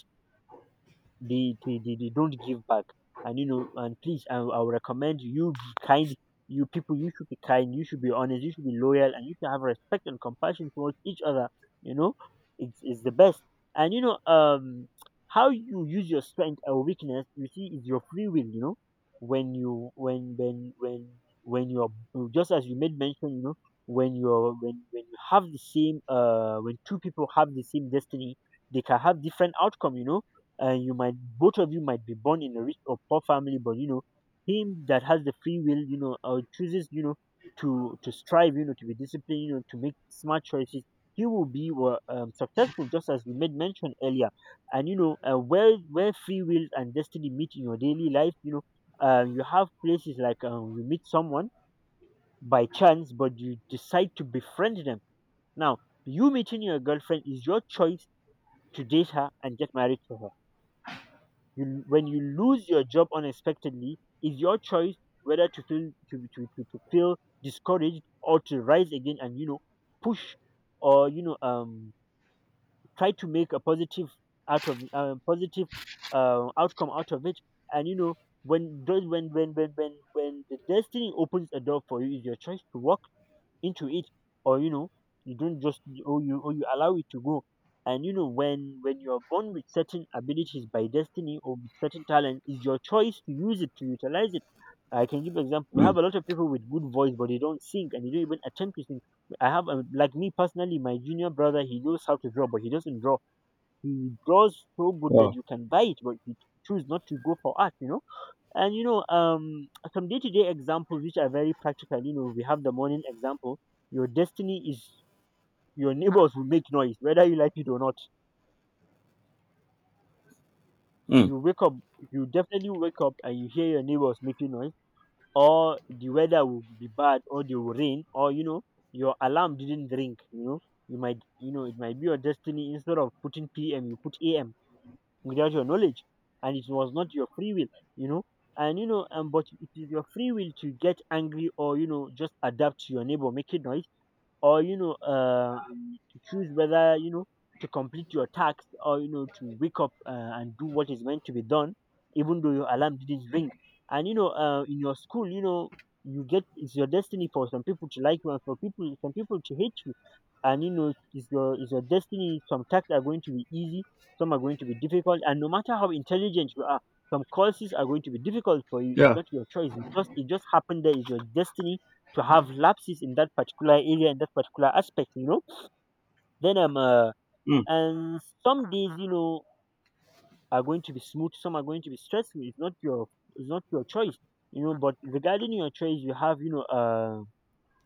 S1: they don't give back. And you know, and please, I would recommend you be kind. You people, you should be kind. You should be honest. You should be loyal, and you should have respect and compassion towards each other. You know, it's the best. And you know, how you use your strength or weakness, you see, is your free will. You know, when you when you're, just as you made mention, you know, when you're when you have the same when two people have the same destiny, they can have different outcome. You know, you might, both of you might be born in a rich or poor family, but you know him that has the free will, you know, or chooses, you know, to strive, you know, to be disciplined, you know, to make smart choices, he will be successful, just as we made mention earlier. And you know, where free will and destiny meet in your daily life, you know, you have places like, you meet someone by chance but you decide to befriend them. Now, you meeting your girlfriend is your choice to date her and get married to her. You, when you lose your job unexpectedly, it's your choice whether to feel, to feel discouraged or to rise again, and you know, push, or you know, try to make a positive out of, positive outcome out of it. And you know, when those when the destiny opens a door for you, it's your choice to walk into it, or you know, you don't just, or you allow it to go. And you know, when you're born with certain abilities by destiny or with certain talent, it's your choice to use it, to utilize it. I can give example, we have a lot of people with good voice but they don't sing and they don't even attempt to sing. Like me personally, my junior brother, he knows how to draw but he doesn't draw. He draws so good that
S2: Wow.
S1: you can buy it, but he choose not to go for art, you know. And you know, some day to day examples which are very practical. You know, we have the morning example. Your destiny is your neighbors will make noise, whether you like it or not. You wake up, you definitely wake up and you hear your neighbors making noise, or the weather will be bad, or there will rain, or you know, your alarm didn't ring. You know, you might, you know, it might be your destiny, instead of putting p.m., you put a.m. without your knowledge and it was not your free will, you know. And you know, and but it is your free will to get angry or you know just adapt to your neighbor making noise, or you know, to choose whether, you know, to complete your task, or you know, to wake up, and do what is meant to be done, even though your alarm didn't ring. And you know, in your school, you know, you get, it's your destiny for some people to like you and for people some people to hate you. And you know, it's your, it's your destiny, some tasks are going to be easy, some are going to be difficult, and no matter how intelligent you are, some courses are going to be difficult for you. It's
S2: Yeah.
S1: not your choice, it just happened. There is your destiny to have lapses in that particular area, in that particular aspect, you know. Then
S2: Hmm.
S1: and some days, you know, are going to be smooth, some are going to be stressful. It's not your, it's not your choice, you know. But regarding your choice, you have, you know,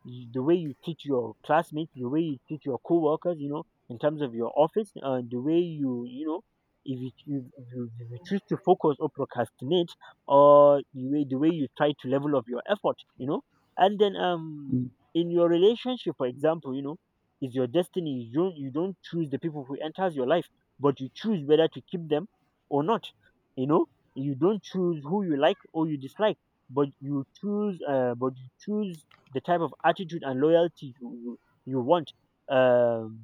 S1: you- the way you teach your classmates, the way you teach your co-workers, you know, in terms of your office, the way you, you know, if you, if you choose to focus or procrastinate, or the way you try to level up your effort, you know. And then in your relationship, for example, you know, is your destiny. You don't choose the people who enters your life, but you choose whether to keep them or not. You know, you don't choose who you like or you dislike, but but you choose the type of attitude and loyalty you want. um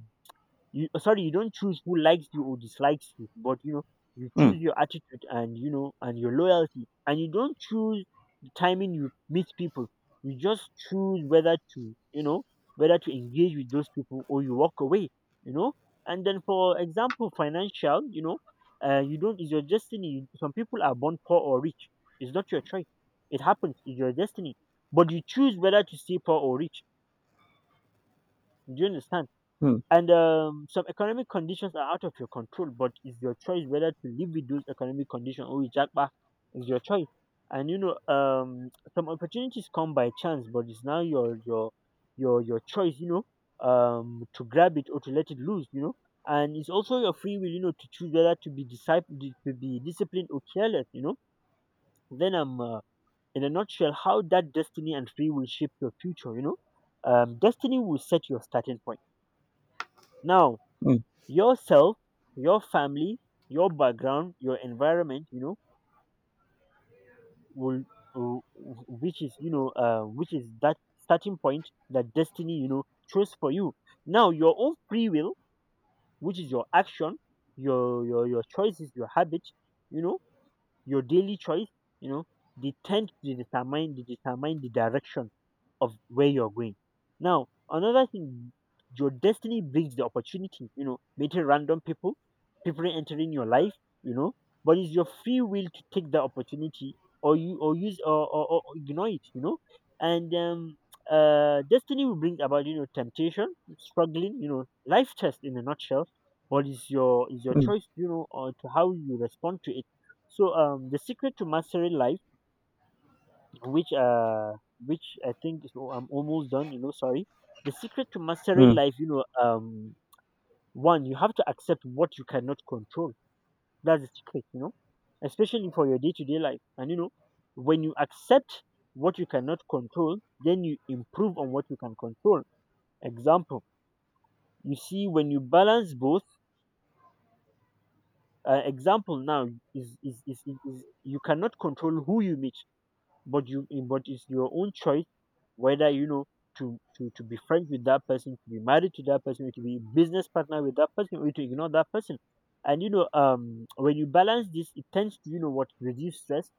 S1: you, sorry, you don't choose who likes you or dislikes you, but you know, you
S2: Hmm.
S1: choose your attitude, and you know, and your loyalty. And you don't choose the timing you meet people, you just choose whether to, you know, whether to engage with those people or you walk away, you know. And then, for example, financial, you know, you don't, it's your destiny, some people are born poor or rich. It's not your choice, it happens, it's your destiny. But you choose whether to stay poor or rich. Do you understand?
S2: Hmm.
S1: And some economic conditions are out of your control, but it's your choice whether to live with those economic conditions or reject back. It's your choice. And you know, some opportunities come by chance, but it's now your choice. You know, to grab it or to let it loose. You know, and it's also your free will. You know, to choose whether to be disciple to be disciplined or careless. You know, then I'm in a nutshell how that destiny and free will shape your future. You know, destiny will set your starting point. Now,
S2: Hmm.
S1: yourself, your family, your background, your environment, you know, will, which is, you know, which is that starting point that destiny, you know, chose for you. Now, your own free will, which is your action, your choices, your habit, you know, your daily choice, you know, the tent they tend to determine they determine the direction of where you're going. Now, another thing, your destiny brings the opportunity, you know, meeting random people, people entering your life, you know, but it's your free will to take the opportunity, or you or use or ignore it, you know. And destiny will bring about, you know, temptation, struggling, you know, life test in a nutshell. But it's your, it's your
S2: Hmm.
S1: choice, you know, or to how you respond to it. So the secret to mastery life, which uh, which I think is, oh, I'm almost done. You know, sorry. The secret to mastery
S2: Hmm.
S1: life, you know, one, you have to accept what you cannot control. That's the secret, you know, especially for your day-to-day life. And you know, when you accept what you cannot control, then you improve on what you can control. Example, you see, when you balance both, example now is, you cannot control who you meet, but but it's your own choice, whether, you know, to be friends with that person, to be married to that person, or to be business partner with that person, or to ignore that person. And you know, when you balance this, it tends to, you know what, reduce stress,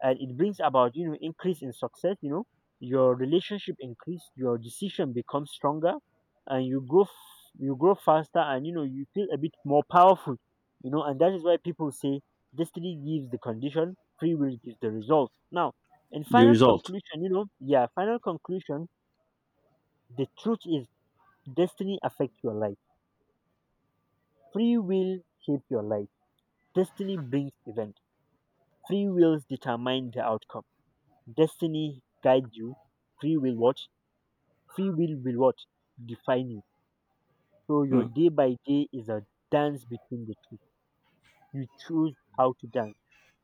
S1: and it brings about, you know, increase in success, you know, your relationship increase, your decision becomes stronger, and you grow you grow faster, and you know, you feel a bit more powerful, you know. And that is why people say destiny gives the condition, free will gives the result. Now, in
S2: The
S1: final
S2: result.
S1: conclusion, you know, yeah, final conclusion, the truth is, destiny affects your life, free will shapes your life. Destiny brings event, free wills determine the outcome. Destiny guides you, free will what, free will what define you. So your day by day is a dance between the two. You choose how to dance.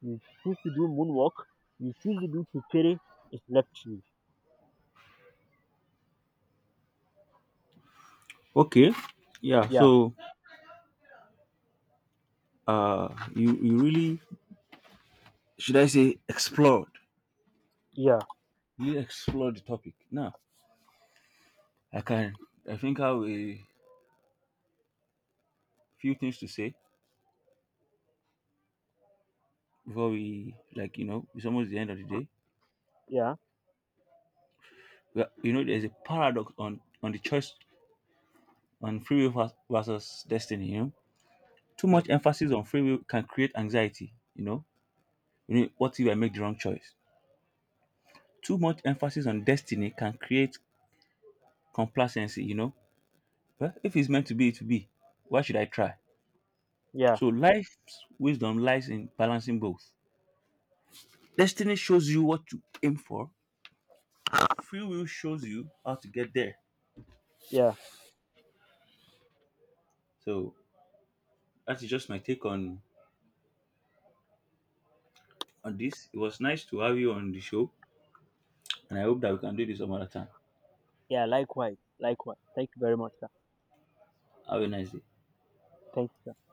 S1: You choose to do moonwalk, you choose to do kukere. It's left to you. Yeah. Yeah. r- yeah. Yeah. Yeah. Yeah. Yeah, likewise. Likewise, thank you very much, sir. Thank you, sir.